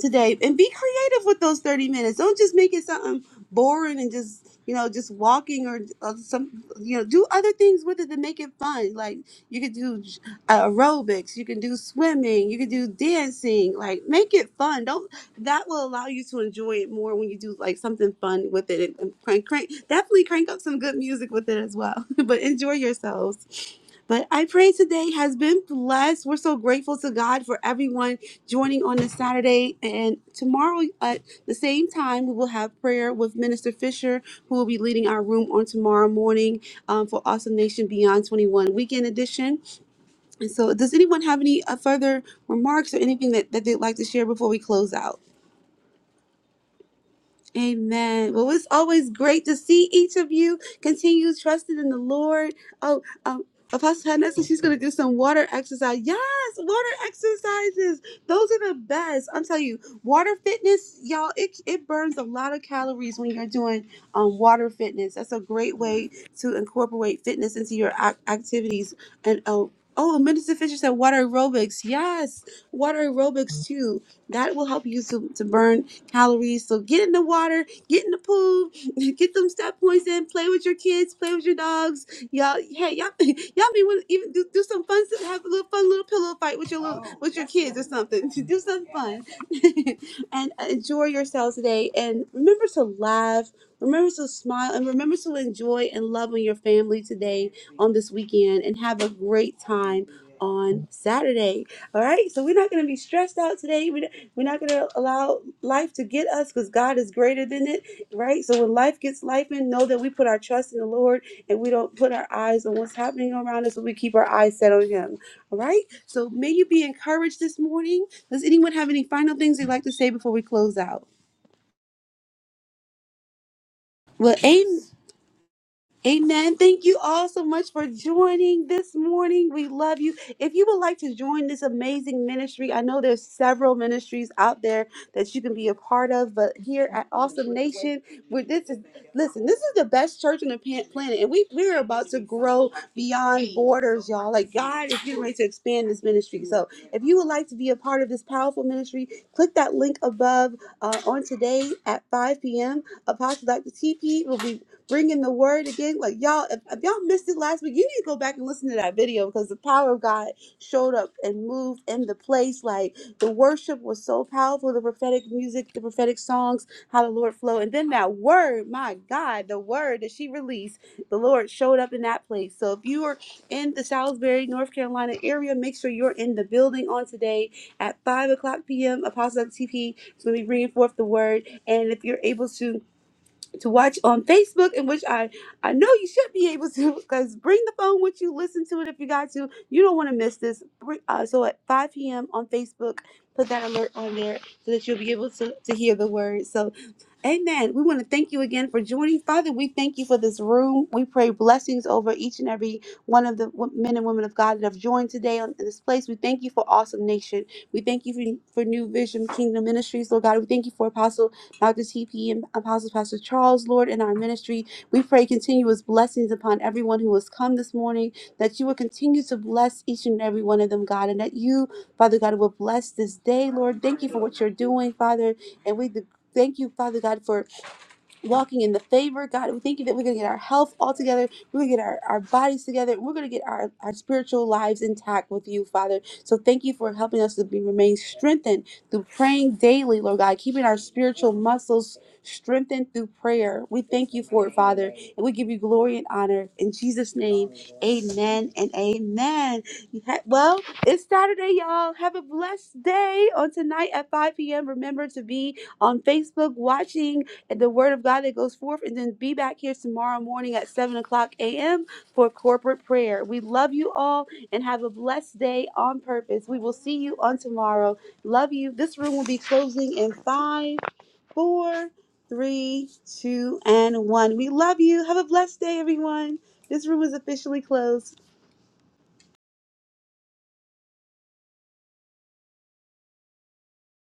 A: today and be creative with those 30 minutes don't just make it something boring and just you know just walking or, or some you know do other things with it to make it fun like you could do j- aerobics you can do swimming you can do dancing like make it fun don't that will allow you to enjoy it more when you do like something fun with it and, and crank crank definitely crank up some good music with it as well but enjoy yourselves but I pray today has been blessed. We're so grateful to God for everyone joining on this Saturday. And tomorrow at the same time, we will have prayer with Minister Fisher, who will be leading our room on tomorrow morning um, for Awesome Nation Beyond 21 Weekend Edition. And so, does anyone have any uh, further remarks or anything that, that they'd like to share before we close out? Amen. Well, it's always great to see each of you continue trusting in the Lord. Oh, um, Apostle Hannah said she's going to do some water exercise. Yes, water exercises. Those are the best. I'm telling you, water fitness, y'all, it, it burns a lot of calories when you're doing um, water fitness. That's a great way to incorporate fitness into your ac- activities. And oh, oh, Minister Fisher said water aerobics. Yes, water aerobics too. That will help you to, to burn calories. So get in the water, get in the pool, get them step points in, play with your kids, play with your dogs. Y'all, hey, y'all, y'all may want to even do, do some fun, stuff, have a little fun little pillow fight with your little, oh, with your kids or something. do something fun and enjoy yourselves today. And remember to laugh, remember to smile, and remember to enjoy and love on your family today on this weekend. And have a great time on Saturday. All right, so we're not going to be stressed out today. We- We're not going to allow life to get us because God is greater than it, right? So when life gets life in, know that we put our trust in the Lord and we don't put our eyes on what's happening around us, but we keep our eyes set on Him. All right, so may you be encouraged this morning. Does anyone have any final things they'd like to say before we close out? Well, amen. Amen. Thank you all so much for joining this morning. We love you. If you would like to join this amazing ministry, I know there's several ministries out there that you can be a part of, but here at Awesome Nation, where this is listen, this is the best church on the pan- planet, and we we're about to grow beyond borders, y'all. Like God is getting ready to expand this ministry. So if you would like to be a part of this powerful ministry, click that link above uh, on today at 5 p.m. Apostle Dr. TP will be bringing the word again. Like y'all, if, if y'all missed it last week, you need to go back and listen to that video because the power of God showed up and moved in the place. Like the worship was so powerful, the prophetic music, the prophetic songs, how the Lord flowed, and then that word, my God, the word that she released, the Lord showed up in that place. So if you are in the Salisbury, North Carolina area, make sure you're in the building on today at five o'clock p.m. Apostle TP is going to be bringing forth the word, and if you're able to to watch on Facebook, in which I I know you should be able to because bring the phone with you, listen to it if you got to. You don't want to miss this. Bring- Uh, so at 5 p.m. on Facebook, put that alert on there so that you'll be able to, to hear the word. So Amen. We want to thank you again for joining. Father, we thank you for this room. We pray blessings over each and every one of the wo- men and women of God that have joined today on in this place. We thank you for Awesome Nation. We thank you for, for New Vision Kingdom Ministries, Lord God. We thank you for Apostle Dr. TP and Apostle Pastor Charles, Lord, in our ministry. We pray continuous blessings upon everyone who has come this morning, that you will continue to bless each and every one of them, God, and that you, Father God, will bless this day, Lord. Thank you for what you're doing, Father. And we Thank you, Father God, for walking in the favor of God. We thank you that we're going to get our health all together. We're going to get our, our bodies together. We're going to get our, our spiritual lives intact with you, Father. So thank you for helping us to be remain strengthened through praying daily, Lord God, keeping our spiritual muscles strengthened through prayer. We thank you for it, Father. And we give you glory and honor. In Jesus' name, amen and amen. You ha- Well, it's Saturday, y'all. Have a blessed day on tonight at 5 p.m. Remember to be on Facebook watching the word of God that goes forth, and then be back here tomorrow morning at 7 o'clock a.m. for corporate prayer. We love you all and have a blessed day on purpose. We will see you on tomorrow. Love you. This room will be closing in five, four, three, two, and one. We love you. Have a blessed day, everyone. This room is officially closed.